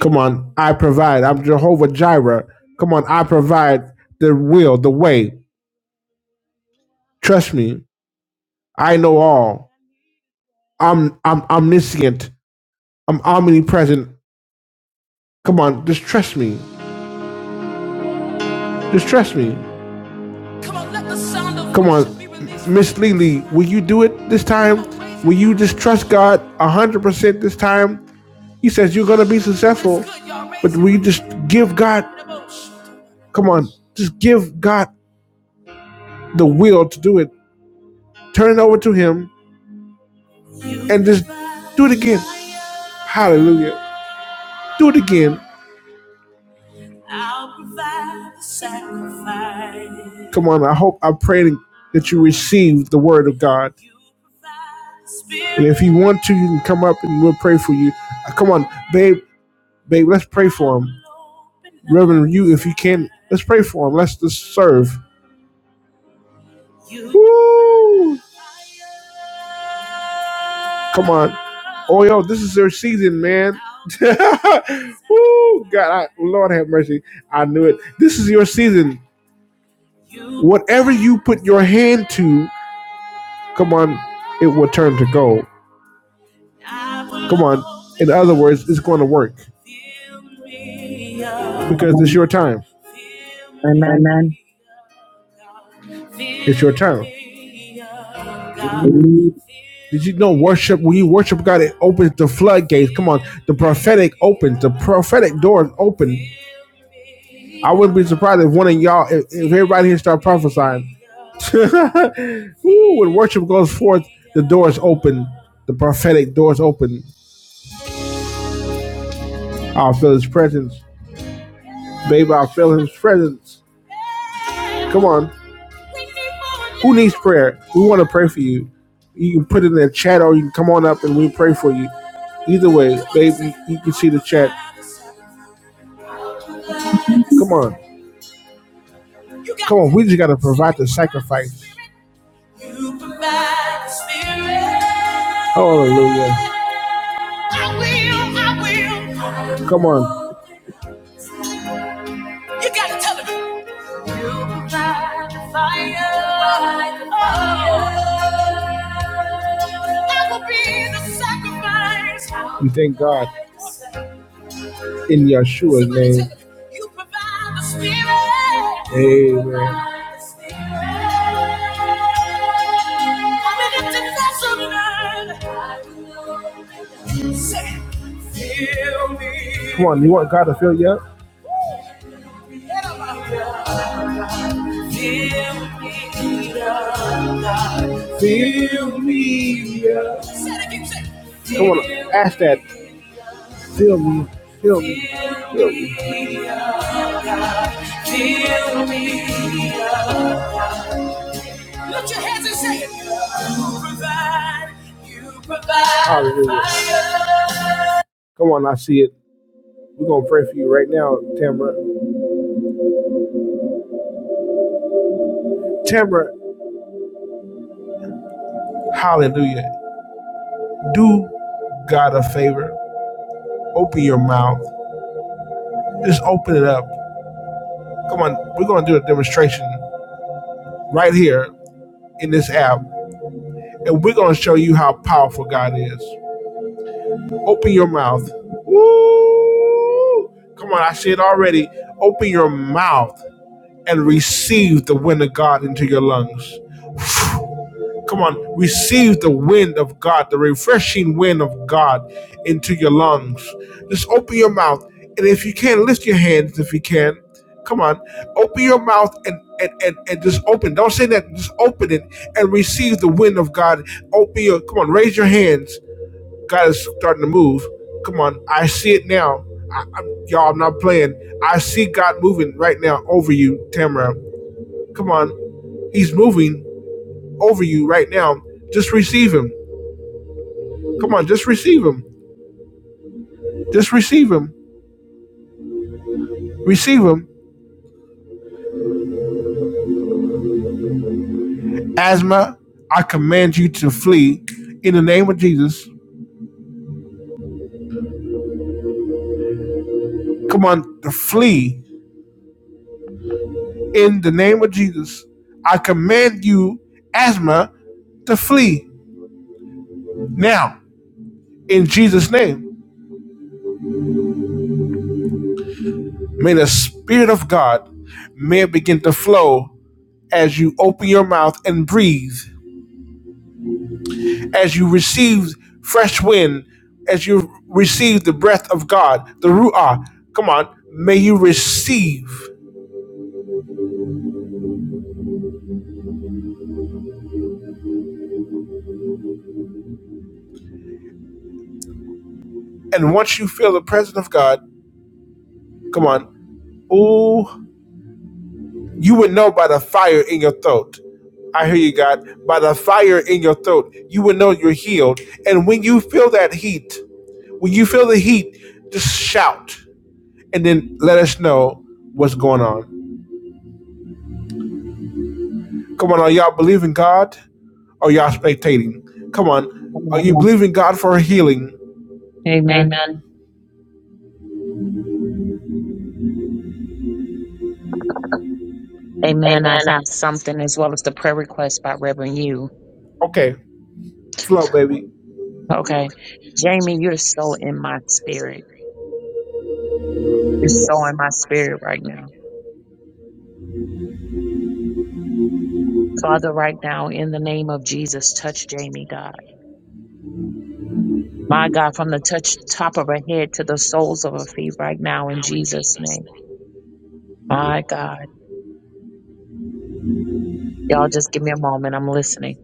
Come on. I provide. I'm Jehovah Jireh. Come on. I provide the will, the way. Trust me. I know all. I'm I'm omniscient. I'm omnipresent. Come on, just trust me. Just trust me. Come on, Miss Lily, will you do it this time? Will you just trust God one hundred percent this time? He says you're gonna be successful, but will you just give God? Come on, just give God the will to do it. turn it over to Him, and just do it again. Hallelujah. Do it again. I'll provide the sacrifice. Come on, I hope, I pray that you receive the word of God. And if you want to, you can come up and we'll pray for you. Uh, Come on, babe, babe, let's pray for him. Reverend, you, if you can, let's pray for him. Let's just serve. Woo! Come on. Oh, yo, this is their season, man. (laughs) Ooh, God, I, Lord have mercy. I knew it. This is your season. Whatever you put your hand to, come on, it will turn to gold. Come on. In other words, it's going to work
Come on.
because it's your time.
Amen.
It's your time.
Believe.
Did you know worship? When you worship God, it opens the floodgates. Come on, the prophetic opens, the prophetic doors open. I wouldn't be surprised if one of y'all, if, if everybody here start prophesying. (laughs) Ooh, when worship goes forth, the doors open. The prophetic doors open. I'll feel his presence. Baby, I'll feel his presence. Come on. Who needs prayer? We want to pray for you. You can put it in the chat or you can come on up and we pray for you. Either way, baby, you can see the chat. Come on. Come on, we just gotta provide the sacrifice. Hallelujah. I will, I will. Come on. You gotta tell him. You provide the fire. Oh. I will be the sacrifice. We thank God in Yeshua's name. You provide the spirit. Amen. Come on, you want God to fill you up? Feel me. Come on, ask that. Feel me. Feel me. Feel me. Feel me. Lift your hands and say it. You provide. You provide. Hallelujah. Come on, I see it. We're gonna pray for you right now, Tamara. Tamara, hallelujah. Do God a favor. Open your mouth. Just open it up. Come on, we're gonna do a demonstration right here in this app. and we're going to show you how powerful God is. Open your mouth. Woo! Come on, I see it already. Open your mouth and receive the wind of God into your lungs. Come on, receive the wind of God, the refreshing wind of God into your lungs. Just open your mouth. And if you can, lift your hands if you can. Come on, open your mouth and, and, and, and just open. Don't say that, just open it and receive the wind of God. Open your, come on, raise your hands. God is starting to move. Come on, I see it now. I, i y'all, I'm not playing. I see God moving right now over you, Tamara. Come on, He's moving over you right now. Just receive Him. Come on, just receive Him. Just receive Him. Receive Him. Asthma, I command you to flee in the name of Jesus. Come on, to flee in the name of Jesus. I command you, asthma, to flee now in Jesus' name. May the Spirit of God may it begin to flow as you open your mouth and breathe, as you receive fresh wind, as you receive the breath of God, the Ruah. Come on, may you receive. And once you feel the presence of God, come on, oh, you would know by the fire in your throat. I hear you, God. By the fire in your throat, you will know you're healed. And when you feel that heat, when you feel the heat, just shout. and then let us know what's going on. Come on, are y'all believing God or y'all spectating? Come on,
Come
are
on.
you believing God for healing?
Amen. Amen. I have something as well as the prayer request by Reverend You.
Okay, flow, baby.
Okay. Jamie, you're so in my spirit. You're so in my spirit right now. Father, right now, in the name of Jesus, touch Jamie, God. My God, from the touch top of her head to the soles of her feet right now in Jesus' name. My God. Y'all just give me a moment. I'm listening.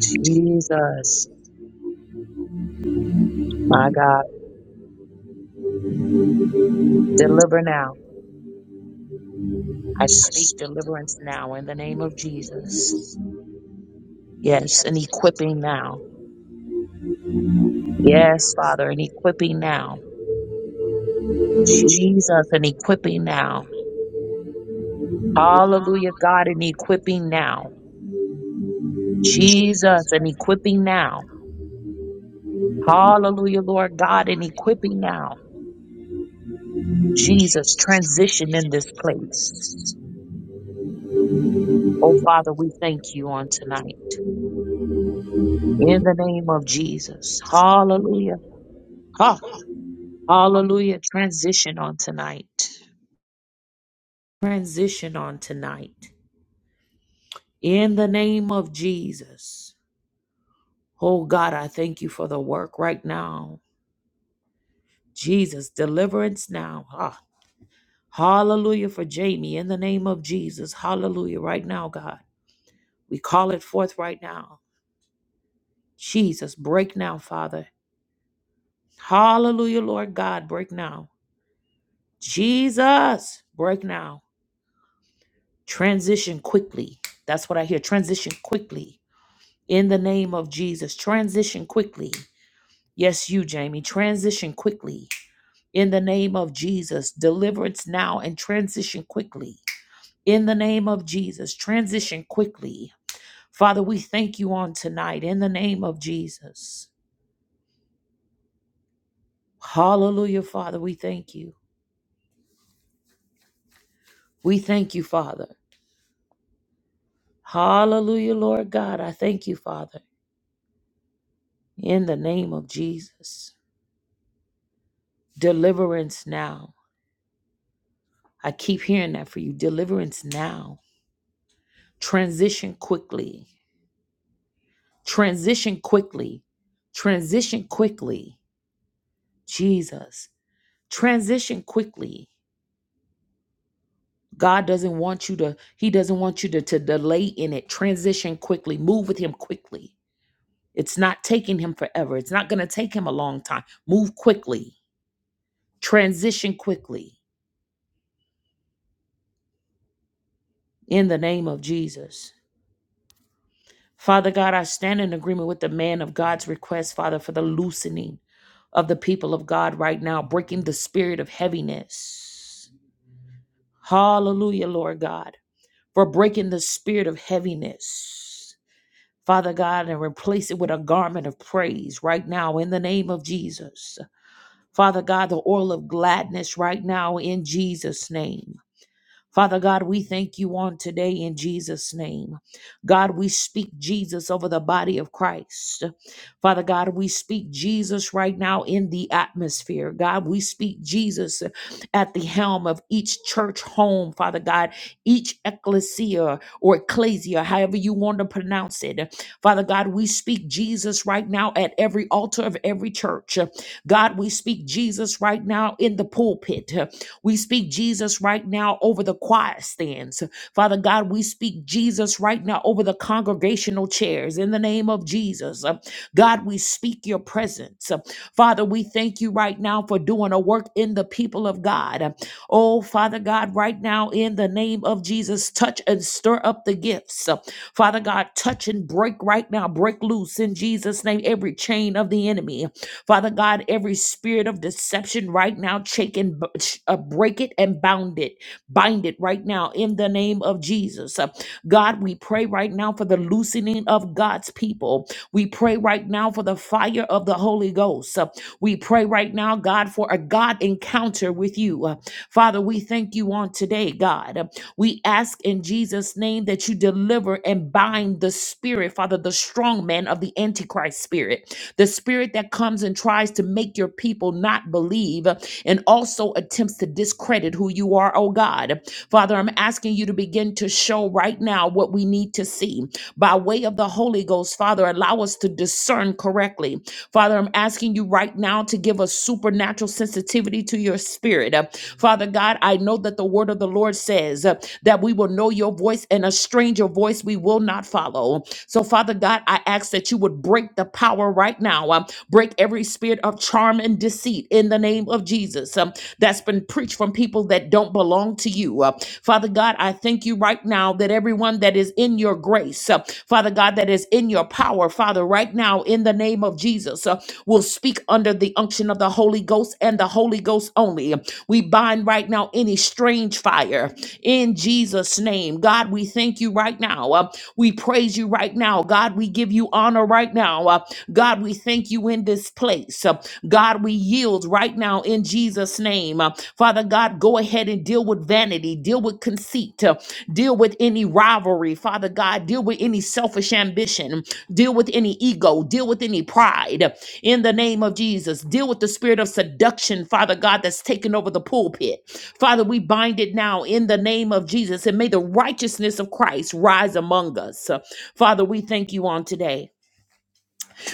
Jesus. My God. Deliver now. I speak deliverance now in the name of Jesus. Yes, and equipping now. Yes, Father, and equipping now. Jesus, and equipping now. Hallelujah, God, and equipping now. Jesus, and equipping now. Hallelujah, Lord God, and equipping now. Jesus, transition in this place. Oh, Father, we thank you on tonight. In the name of Jesus. Hallelujah. Ha. Hallelujah. Transition on tonight. Transition on tonight. In the name of Jesus. Oh, God, I thank you for the work right now. Jesus, deliverance now. Ha. Hallelujah for Jamie in the name of Jesus. Hallelujah. Right now, God. We call it forth right now. Jesus, break now, Father. Hallelujah, Lord God, break now. Jesus, break now. Transition quickly. That's what I hear. Transition quickly in the name of Jesus. Transition quickly. Yes, you, Jamie. Transition quickly in the name of Jesus. Deliverance now and transition quickly in the name of Jesus. Transition quickly Father, we thank you on tonight in the name of Jesus. Hallelujah, Father, we thank you. We thank you, Father. Hallelujah, Lord God. I thank you, Father, in the name of Jesus. Deliverance now. I keep hearing that for you. Deliverance now. Transition quickly. Transition quickly. Transition quickly. Jesus. Transition quickly. God doesn't want you to, He doesn't want you to, to delay in it. Transition quickly, move with Him quickly. It's not taking Him forever. It's not going to take Him a long time. Move quickly, transition quickly in the name of Jesus. Father God, I stand in agreement with the man of God's request, Father, for the loosening of the people of God right now, breaking the spirit of heaviness. Hallelujah, Lord God, for breaking the spirit of heaviness. Father God, and replace it with a garment of praise right now in the name of Jesus. Father God, the oil of gladness right now in Jesus' name. Father God, we thank you on today in Jesus' name. God, we speak Jesus over the body of Christ. Father God, we speak Jesus right now in the atmosphere. God, we speak Jesus at the helm of each church home, Father God, each ecclesia or ecclesia, however you want to pronounce it. Father God, we speak Jesus right now at every altar of every church. God, we speak Jesus right now in the pulpit. We speak Jesus right now over the choir stands. Father God, we speak Jesus right now over the congregational chairs in the name of Jesus. Uh, God, we speak your presence. Uh, Father, we thank you right now for doing a work in the people of God. Uh, Oh, Father God, right now in the name of Jesus, touch and stir up the gifts. Uh, Father God, touch and break right now, break loose in Jesus' name every chain of the enemy. Father God, every spirit of deception right now, shake and b- sh- uh, break it and bound it, bind it right now in the name of Jesus. Uh, God, we pray right now for the loosening of God's people. We pray right now for the fire of the Holy Ghost. Uh, we pray right now, God, for a God encounter with you. Uh, Father, we thank you on today, God. Uh, We ask in Jesus' name that you deliver and bind the spirit, Father, the strong man of the Antichrist spirit, the spirit that comes and tries to make your people not believe uh, and also attempts to discredit who you are, oh God. Father, I'm asking you to begin to show right now what we what we need to see. By way of the Holy Ghost, Father, allow us to discern correctly. Father, I'm asking you right now to give us supernatural sensitivity to your spirit. Uh, Father God, I know that the word of the Lord says uh, that we will know your voice and a stranger voice we will not follow. So, Father God, I ask that you would break the power right now, uh, break every spirit of charm and deceit in the name of Jesus. Jesus um, that's been preached from people that don't belong to you. Uh, Father God, I thank you right now that everyone that is in your grace, uh, Father God, that is in your power, Father, right now in the name of Jesus, uh, will speak under the unction of the Holy Ghost and the Holy Ghost only. We bind right now any strange fire in Jesus' name. God, we thank you right now. Uh, we praise you right now now. God, we give you honor right now. Uh, God, we thank you in this place. Uh, God, we yield right now in Jesus' name. Uh, Father God, go ahead and deal with vanity, deal with conceit, uh, deal with any rivalry. Father God, deal with any selfish ambition, deal with any ego, deal with any pride uh, in the name of Jesus. Deal with the spirit of seduction, Father God, that's taken over the pulpit. Father, we bind it now in the name of Jesus, and may the righteousness of Christ rise among us. Father, we thank you on today.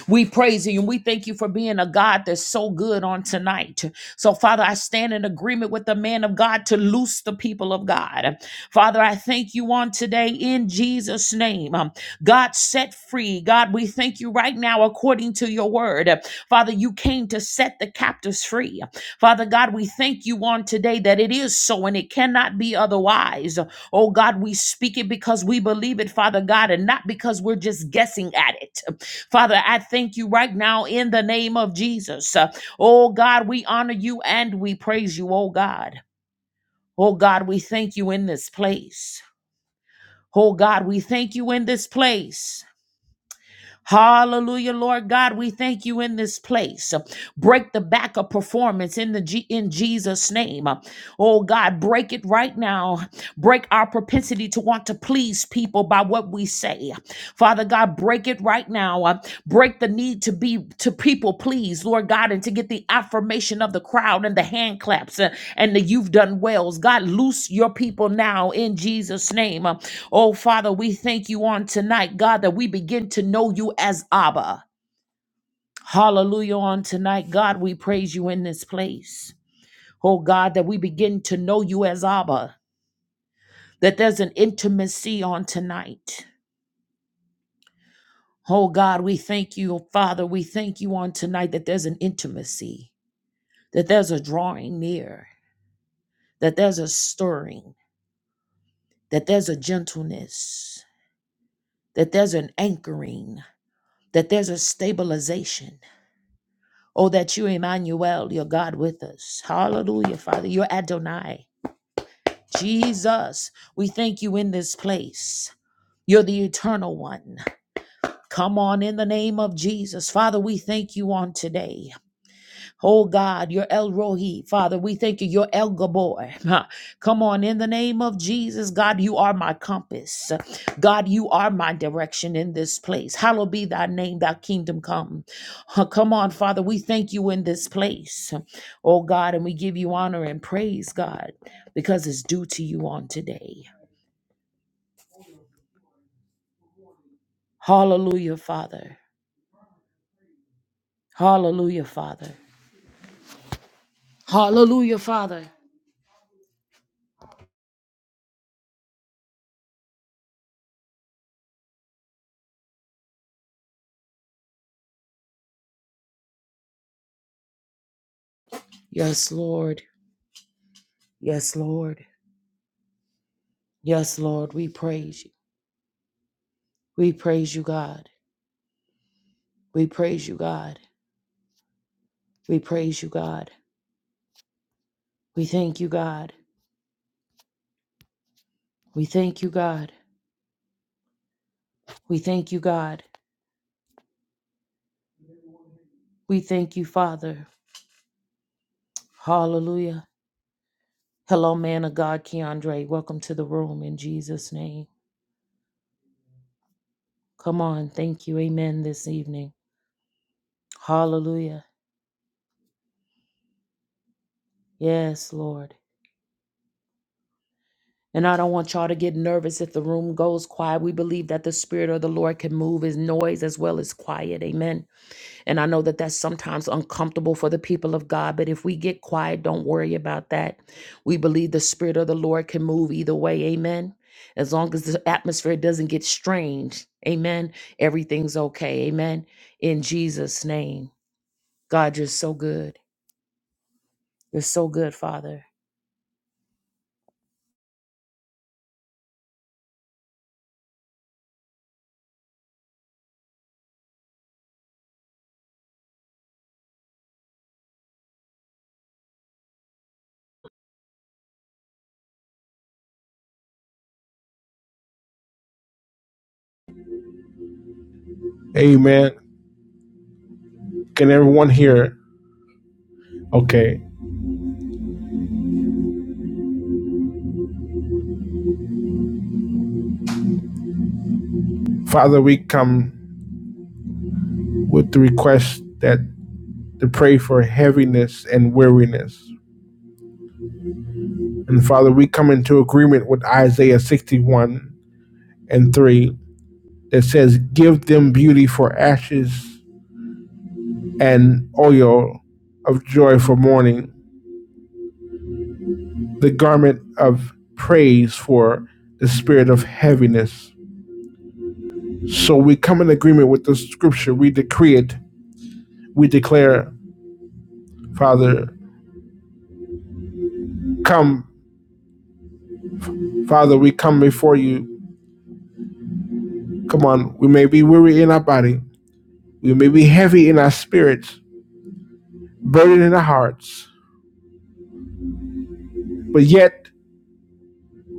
We praise you and we thank you for being a God that's so good on tonight. So, Father, I stand in agreement with the man of God to loose the people of God. Father, I thank you on today in Jesus' name. Um, God, set free. God, we thank you right now according to your word. Father, you came to set the captives free. Father God, we thank you on today that it is so and it cannot be otherwise. Oh God, we speak it because we believe it, Father God, and not because we're just guessing at it. Father, I thank you right now in the name of Jesus. Uh, Oh God, we honor you and we praise you, oh God. Oh God, we thank you in this place. Oh God, we thank you in this place. Hallelujah, Lord God, we thank you in this place. Break the back of performance in the G- in Jesus' name. Oh God, break it right now. Break our propensity to want to please people by what we say. Father God, break it right now. Uh, Break the need to be to people please, Lord God, and to get the affirmation of the crowd and the hand claps uh, and the you've done wells. God, loose your people now in Jesus' name. Uh, Oh, Father, we thank you on tonight, God, that we begin to know you as Abba. Hallelujah on tonight, God, we praise you in this place. Oh, God, that we begin to know you as Abba, that there's an intimacy on tonight. Oh, God, we thank you, Father, we thank you on tonight that there's an intimacy, that there's a drawing near, that there's a stirring, that there's a gentleness, that there's an anchoring, that there's a stabilization Oh, that you, Emmanuel, your God with us. Hallelujah, Father. You're Adonai. Jesus, we thank you in this place. You're the eternal one. Come on in the name of Jesus. Father, we thank you on today. Oh God, your El Rohi, Father, we thank you. Your El Gabor. (laughs) Come on, in the name of Jesus, God, you are my compass. God, you are my direction in this place. Hallowed be thy name, thy kingdom come. (laughs) Come on, Father, we thank you in this place. Oh God, and we give you honor and praise, God, because it's due to you on today. Hallelujah, Father. Hallelujah, Father. Hallelujah, Father. Yes, Lord. Yes, Lord. Yes, Lord, we praise you. We praise you, God. We praise you, God. We praise you, God. We thank you, God. We thank you, God. We thank you, God. We thank you, Father. Hallelujah. Hello, man of God, Keandre. Welcome to the room in Jesus' name. Come on. Thank you. Amen this evening. Hallelujah. Yes, Lord. And I don't want y'all to get nervous if the room goes quiet. We believe that the Spirit of the Lord can move his noise as well as quiet. Amen. And I know that that's sometimes uncomfortable for the people of God, but if we get quiet, don't worry about that. We believe the Spirit of the Lord can move either way. Amen. As long as the atmosphere doesn't get strange. Amen. Everything's okay. Amen. In Jesus' name. God, you're so good. You're so good, Father.
Amen. Can everyone hear? Okay. Father, we come with the request that to pray for heaviness and weariness. And Father, we come into agreement with Isaiah 61 and 3 that says, Give them beauty for ashes and oil of joy for mourning the garment of praise for the spirit of heaviness. So we come in agreement with the scripture. We decree it. We declare, Father, come, Father, we come before you. Come on, we may be weary in our body, we may be heavy in our spirits, burdened in our hearts, but yet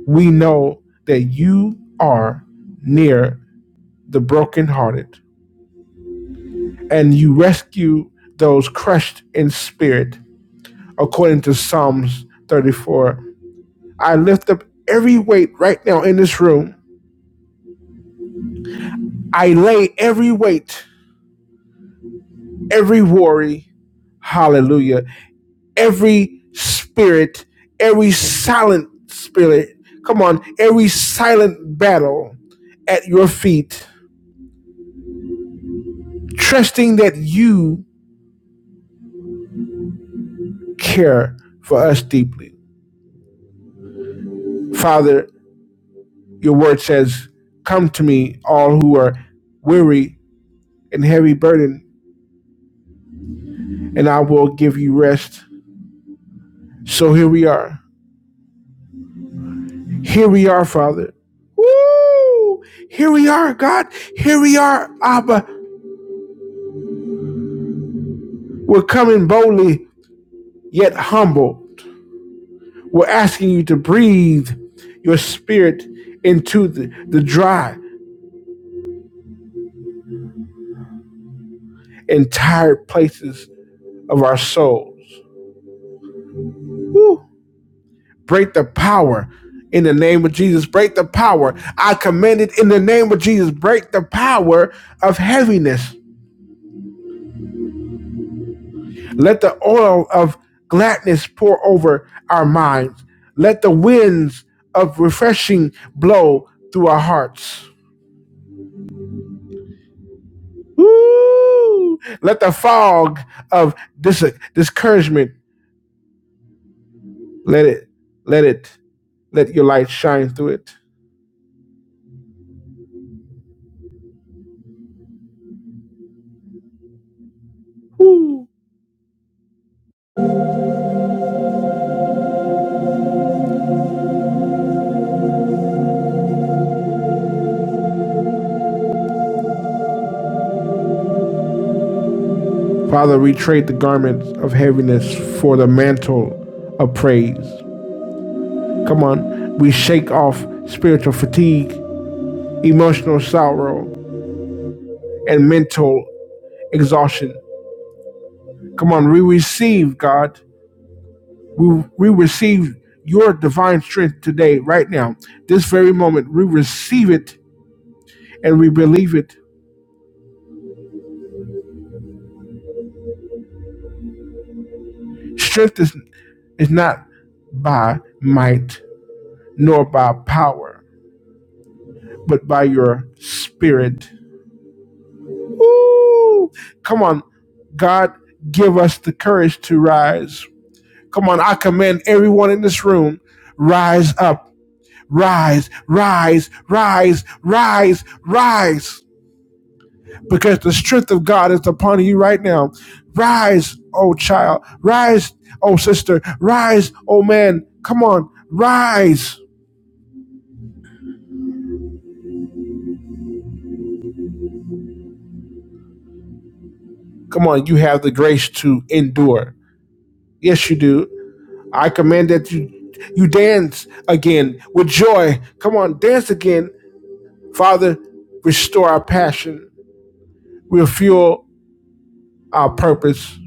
we know that you are near the brokenhearted and you rescue those crushed in spirit according to Psalms 34. I lift up every weight right now in this room. I lay every weight, every worry, hallelujah, every spirit, every silent spirit, come on, every silent battle at your feet, trusting that you care for us deeply. Father, your word says, Come to me, all who are weary and heavy burdened, and I will give you rest. So here we are. Here we are, Father. Woo! Here we are, God. Here we are, Abba. We're coming boldly, yet humble. We're asking you to breathe your spirit into the, the dry and tired places of our souls. Woo! Break the power in the name of Jesus. Break the power. I command it in the name of Jesus. Break the power of heaviness Let the oil of gladness pour over our minds. Let the winds of refreshing blow through our hearts. Woo! Let the fog of dis- discouragement let it let it let your light shine through it. Father, we trade the garments of heaviness for the mantle of praise. Come on, we shake off spiritual fatigue, emotional sorrow, and mental exhaustion Come on, we receive, God. We, we receive your divine strength today, right now, this very moment. We receive it and we believe it. Strength is, is not by might nor by power, but by your spirit. Woo! Come on, God, give us the courage to rise. Come on, I command everyone in this room, rise up, rise, rise, rise, rise, rise because the strength of God is upon you right now. Rise, oh child. Rise, oh sister. Rise, oh man. Come on, rise. Come on, you have the grace to endure. Yes, you do. I command that you you dance again with joy. Come on, dance again. Father, restore our passion, refuel our purpose,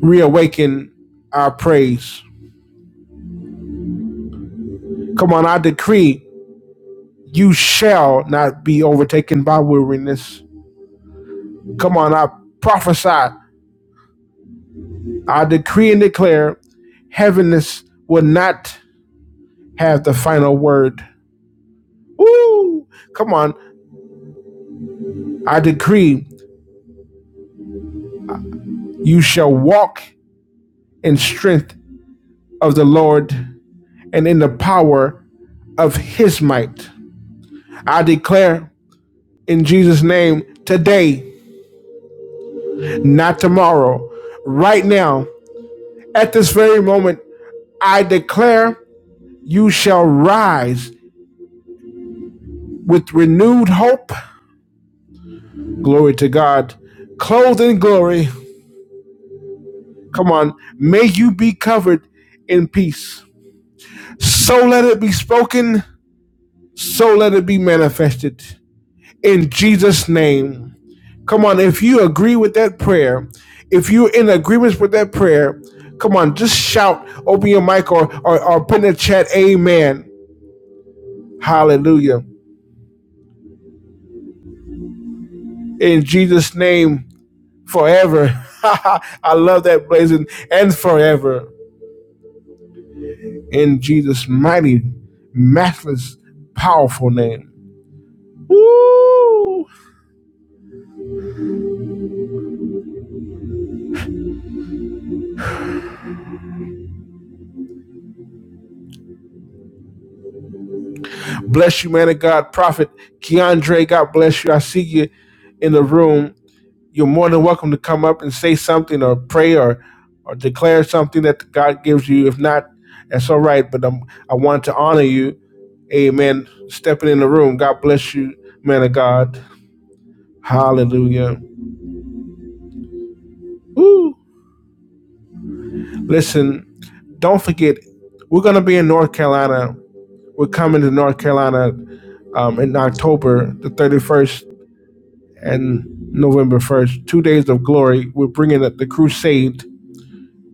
reawaken our praise. Come on, I decree you shall not be overtaken by weariness Come on, I prophesy, I decree and declare, heaviness will not have the final word. Woo! Come on, I decree, you shall walk in strength of the Lord and in the power of His might. I declare in Jesus' name today, not tomorrow, right now, at this very moment, I declare, you shall rise with renewed hope Glory to God. Clothed in glory. Come on. May you be covered in peace. So let it be spoken. So let it be manifested. In Jesus' name. Come on. If you agree with that prayer, if you're in agreement with that prayer, come on. Just shout, open your mic or, or, or put in the chat, Amen. Hallelujah. In Jesus' name, forever. (laughs) I love that blazing and forever. in Jesus' mighty, matchless, powerful name. Woo! Bless you, man of God. Prophet Keandre, God bless you. I see you in the room. You're more than welcome to come up and say something or pray or, or declare something that God gives you. If not, that's all right. But I'm, I want to honor you. Amen. Stepping in the room. God bless you, man of God. Hallelujah. Woo! Listen, don't forget, we're going to be in North Carolina We're coming to North Carolina um, in October the 31st and November 1st. Two days of glory. We're bringing the, crusade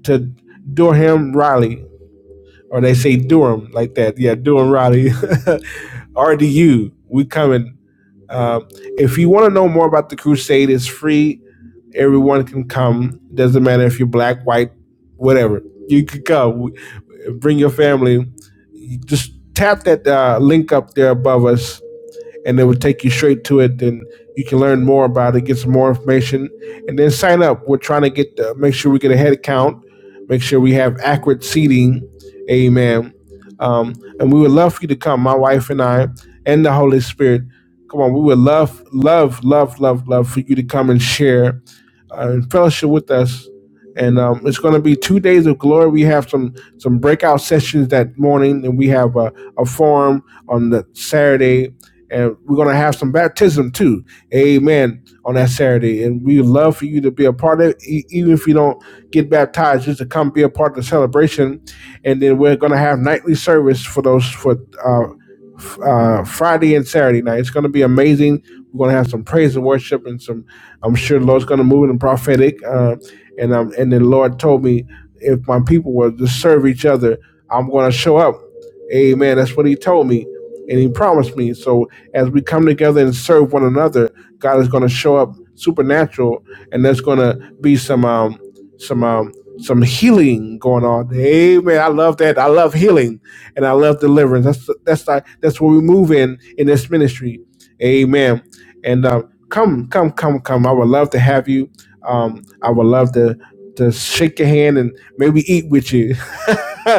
to Durham Raleigh, or they say Durham like that. Yeah, Durham Raleigh, (laughs) RDU. We coming. Um, if you want to know more about the crusade, it's free. Everyone can come. Doesn't matter if you're black, white, whatever. You could come. Bring your family. Just tap that uh, link up there above us and it will take you straight to it. Then you can learn more about it, get some more information, and then sign up. We're trying to get uh, make sure we get a head count, make sure we have accurate seating. Amen. Um, and we would love for you to come, my wife and I, and the Holy Spirit. Come on, we would love, love, love, love, love for you to come and share uh, and fellowship with us. And um, it's going to be two days of glory. We have some some breakout sessions that morning, and we have a, a forum on the Saturday and we're going to have some baptism too. Amen. On that Saturday. And we would love for you to be a part of it, e- even if you don't get baptized, just to come be a part of the celebration. And then we're going to have nightly service for those for uh, f- uh, Friday and Saturday night. It's going to be amazing. We're going to have some praise and worship and some, I'm sure the Lord's going to move in the prophetic. Uh, and, um, and then the Lord told me if my people were to serve each other, I'm going to show up Amen. That's what he told me and he promised me. So as we come together and serve one another, God is going to show up supernatural and there's going to be some um some um some healing going on. Amen. I love that. I love healing and I love deliverance. That's that's like that's where we move in in this ministry. Amen. And um come come come come. I would love to have you. Um I would love to to shake your hand and maybe eat with you. (laughs) (laughs)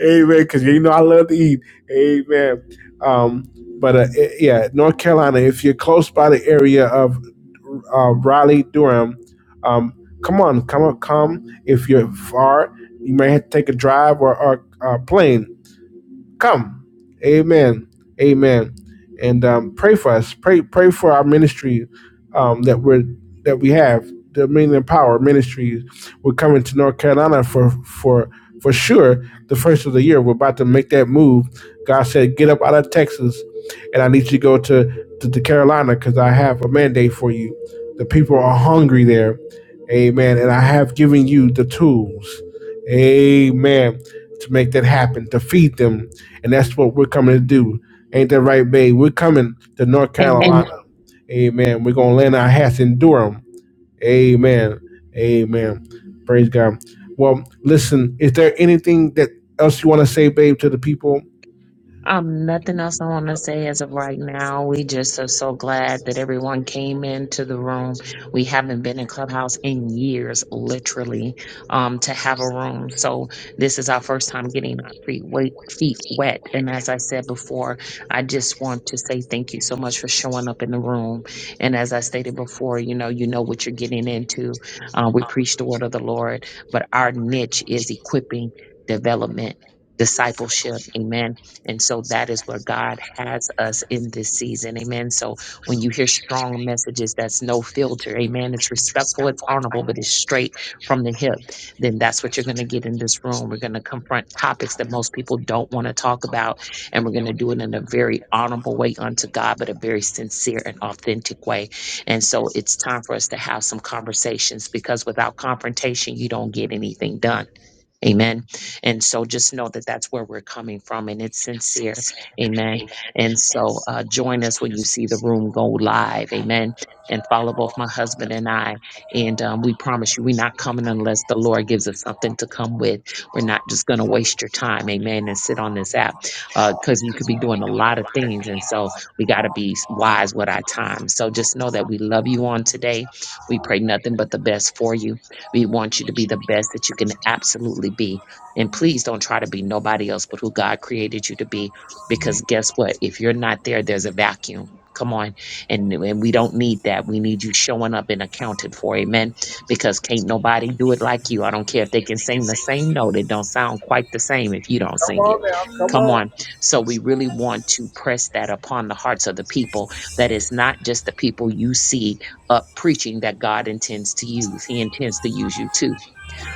Amen. Because you know I love to eat. Amen. Um, but uh, i- yeah, North Carolina. If you're close by the area of uh, Raleigh, Durham, um, come on, come on, come. If you're far, you may have to take a drive or a, a plane come. Amen. Amen. And um, pray for us. Pray pray for our ministry um, that we're that we have. The Meaning and Power Ministries. We're coming to North Carolina for for for sure the first of the year. We're about to make that move. God said, get up out of Texas, and I need you to go to to, to Carolina because I have a mandate for you. The people are hungry there. Amen. And I have given you the tools. Amen to make that happen, to feed them. And that's what we're coming to do. Ain't that right, babe? We're coming to North
Amen.
Carolina. Amen. Amen. We're going to land our hats in Durham. Amen. Amen. Praise God. Well, listen, is there anything that else you want to say, babe, to the people?
Um, nothing else I want to say as of right now. We just are so glad that everyone came into the room. We haven't been in Clubhouse in years, literally, um, to have a room. So this is our first time getting our feet wet, feet wet. And as I said before, I just want to say thank you so much for showing up in the room. And as I stated before, you know, you know what you're getting into. Uh, we preach the word of the Lord, but our niche is equipping, development, discipleship. Amen and so that is where God has us in this season. Amen. So when you hear strong messages, that's no filter. Amen. It's respectful, it's honorable, but it's straight from the hip. Then that's what you're going to get in this room. We're going to confront topics that most people don't want to talk about. And we're going to do it in a very honorable way unto God, but a very sincere and authentic way. And so it's time for us to have some conversations because without confrontation, you don't get anything done. Amen. And so just know that that's where we're coming from and it's sincere. Amen. And so uh, join us when you see the room go live. Amen. And follow both my husband and I. And um, we promise you, we're not coming unless the Lord gives us something to come with. We're not just going to waste your time. Amen. And sit on this app because you could be doing a lot of things. And so we got to be wise with our time. So just know that we love you on today. We pray nothing but the best for you. We want you to be the best that you can absolutely be. And please don't try to be nobody else but who God created you to be. Because guess what? If you're not there, there's a vacuum. Come on. And, and we don't need that. We need you showing up and accounted for. Amen. Because can't nobody do it like you. I don't care if they can sing the same note. It don't sound quite the same if you don't sing it. Come on. So we really want to press that upon the hearts of the people that it's not just the people you see up preaching that God intends to use. He intends to use you too.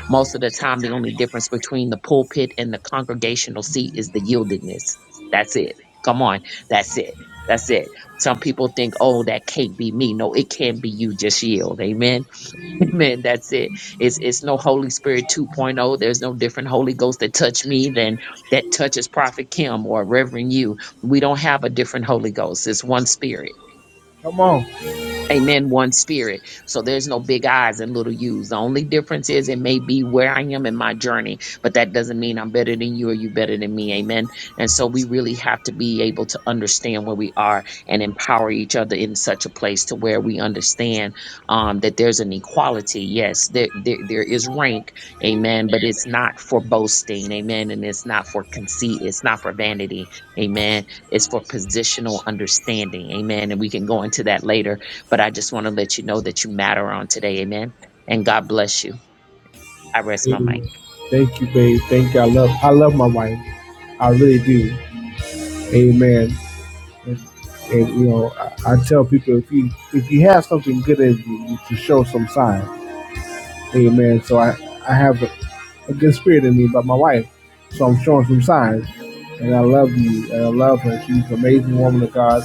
Most of the time, the only difference between the pulpit and the congregational seat is the yieldedness. That's it. Come on. That's it. That's it. Some people think, oh, that can't be me. No, it can be you. Just yield. Amen. (laughs) Amen. That's it. It's it's no Holy Spirit 2.0. There's no different Holy Ghost that touch me than that touches Prophet Kim or Reverend you. We don't have a different Holy Ghost. It's one spirit.
Come on.
Amen. One spirit. So there's no big I's and little U's. The only difference is it may be where I am in my journey, but that doesn't mean I'm better than you or you better than me. Amen. And so we really have to be able to understand where we are and empower each other in such a place to where we understand um, that there's an equality. Yes, there, there there is rank. Amen. But it's not for boasting. Amen. And it's not for conceit. It's not for vanity. Amen. It's for positional understanding. Amen. And we can go into that later but I just want to let you know that you matter on today. Amen. And God bless you. I rest my mic.
Amen. Thank you, babe. Thank you. I love I love my wife. I really do. Amen. And, and, you know, I, I tell people if you if you have something good in you, you should show some signs. Amen. So I, I have a, a good spirit in me about my wife. So I'm showing some signs. And I love you. And I love her. She's an amazing woman of God.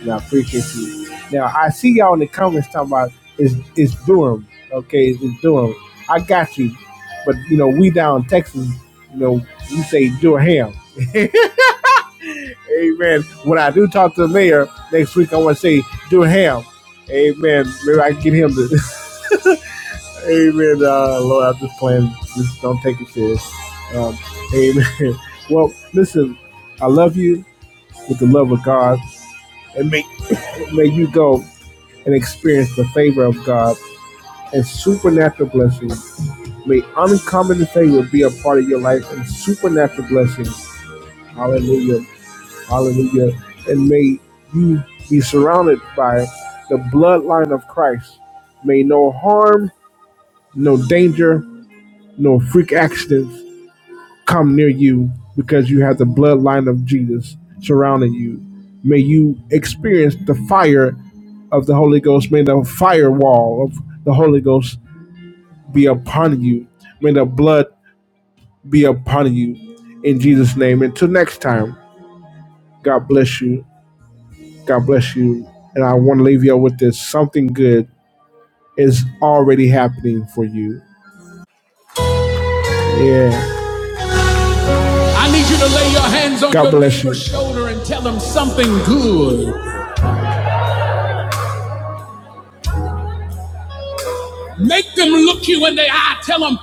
And I appreciate you. Now, I see y'all in the comments talking about it's, it's Durham. Okay, it's Durham. I got you. But, you know, we down in Texas, you know, we say Durham. (laughs) Amen. When I do talk to the mayor next week, I want to say Durham. Amen. Maybe I can get him to. (laughs) Amen. Uh, Lord, I'm just playing. Just don't take it serious. Um, amen. (laughs) Well, listen, I love you with the love of God, and may (coughs) (laughs) may you go and experience the favor of God and supernatural blessings. May uncommon favor be a part of your life and supernatural blessings. Hallelujah. Hallelujah. And may you be surrounded by the bloodline of Christ. May no harm, no danger, no freak accidents come near you because you have the bloodline of Jesus surrounding you. May you experience the fire of the Holy Ghost. May the firewall of the Holy Ghost be upon you. May the blood be upon you in Jesus' name. Until next time, God bless you. God bless you. And I want to leave you with this something good is already happening for you. Yeah. God bless you. Good. Make them look you in the eye. Tell them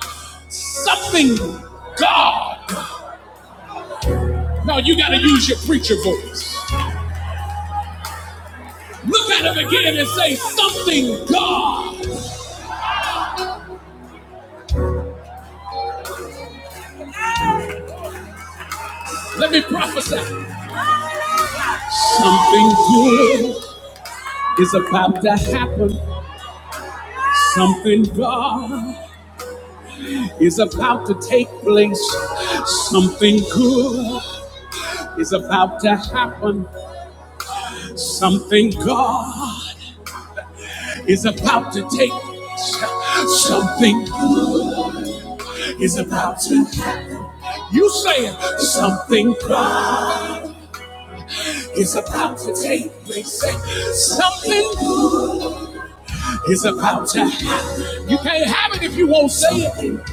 something, God. No, you got to use your preacher voice. Look at them again and say something, God. Let me prophesy. Something good is about to happen. Something, God, is about to take place. Something good is about to happen. Something, God, is about to take place. Something is about to happen. You saying something prime is about to take place. Something is about to happen. You can't have it if you won't say it.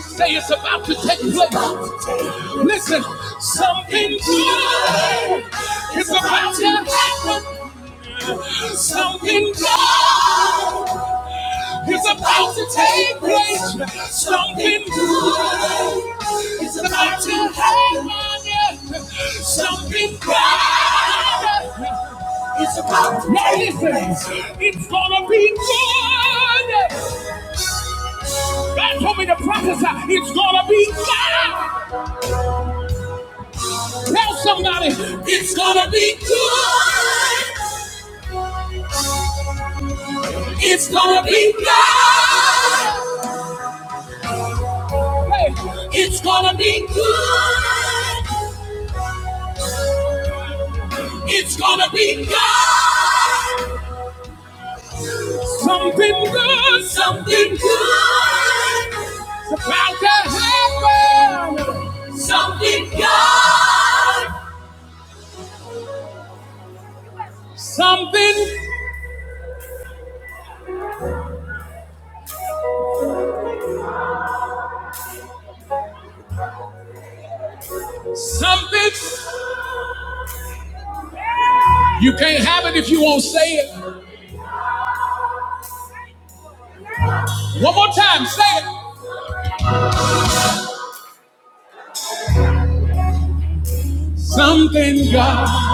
Say it's about to take place. Listen, something good is about to happen. Something good It's about to take place. Something good is about to happen. Something bad is about to take place. It's gonna be good. God told me to prophesy. It's gonna be good. Tell somebody, it's gonna be good. It's gonna be good. Hey, it's gonna be good. It's gonna be God. Something good, something good. It's About to happen. Something God. Something, something. You can't have it if you won't say it. One more time, say it. Something God.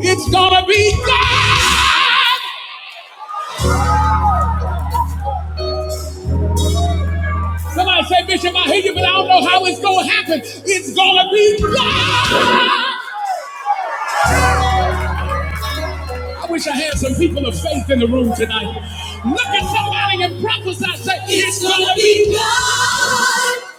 It's gonna be God. Somebody say, Bishop, I hear you, but I don't know how it's gonna happen. It's gonna be God. I wish I had some people of faith in the room tonight. Look at somebody and prophesy. Say, it's gonna be God.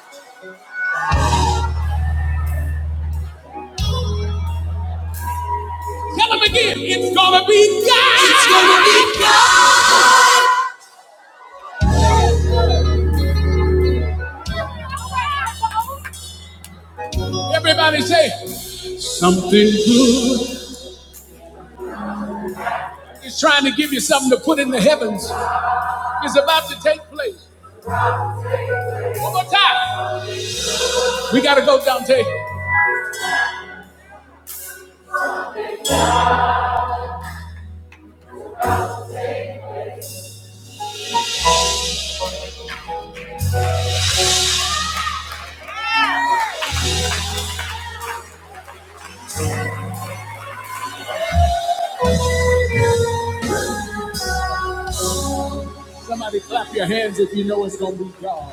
Tell them again, it's gonna be God. It's gonna be God. Everybody say, something good. It's trying to give you something to put in the heavens. It's about to take place. One more time. We gotta go, Dante. Somebody clap your hands if you know it's gonna be God.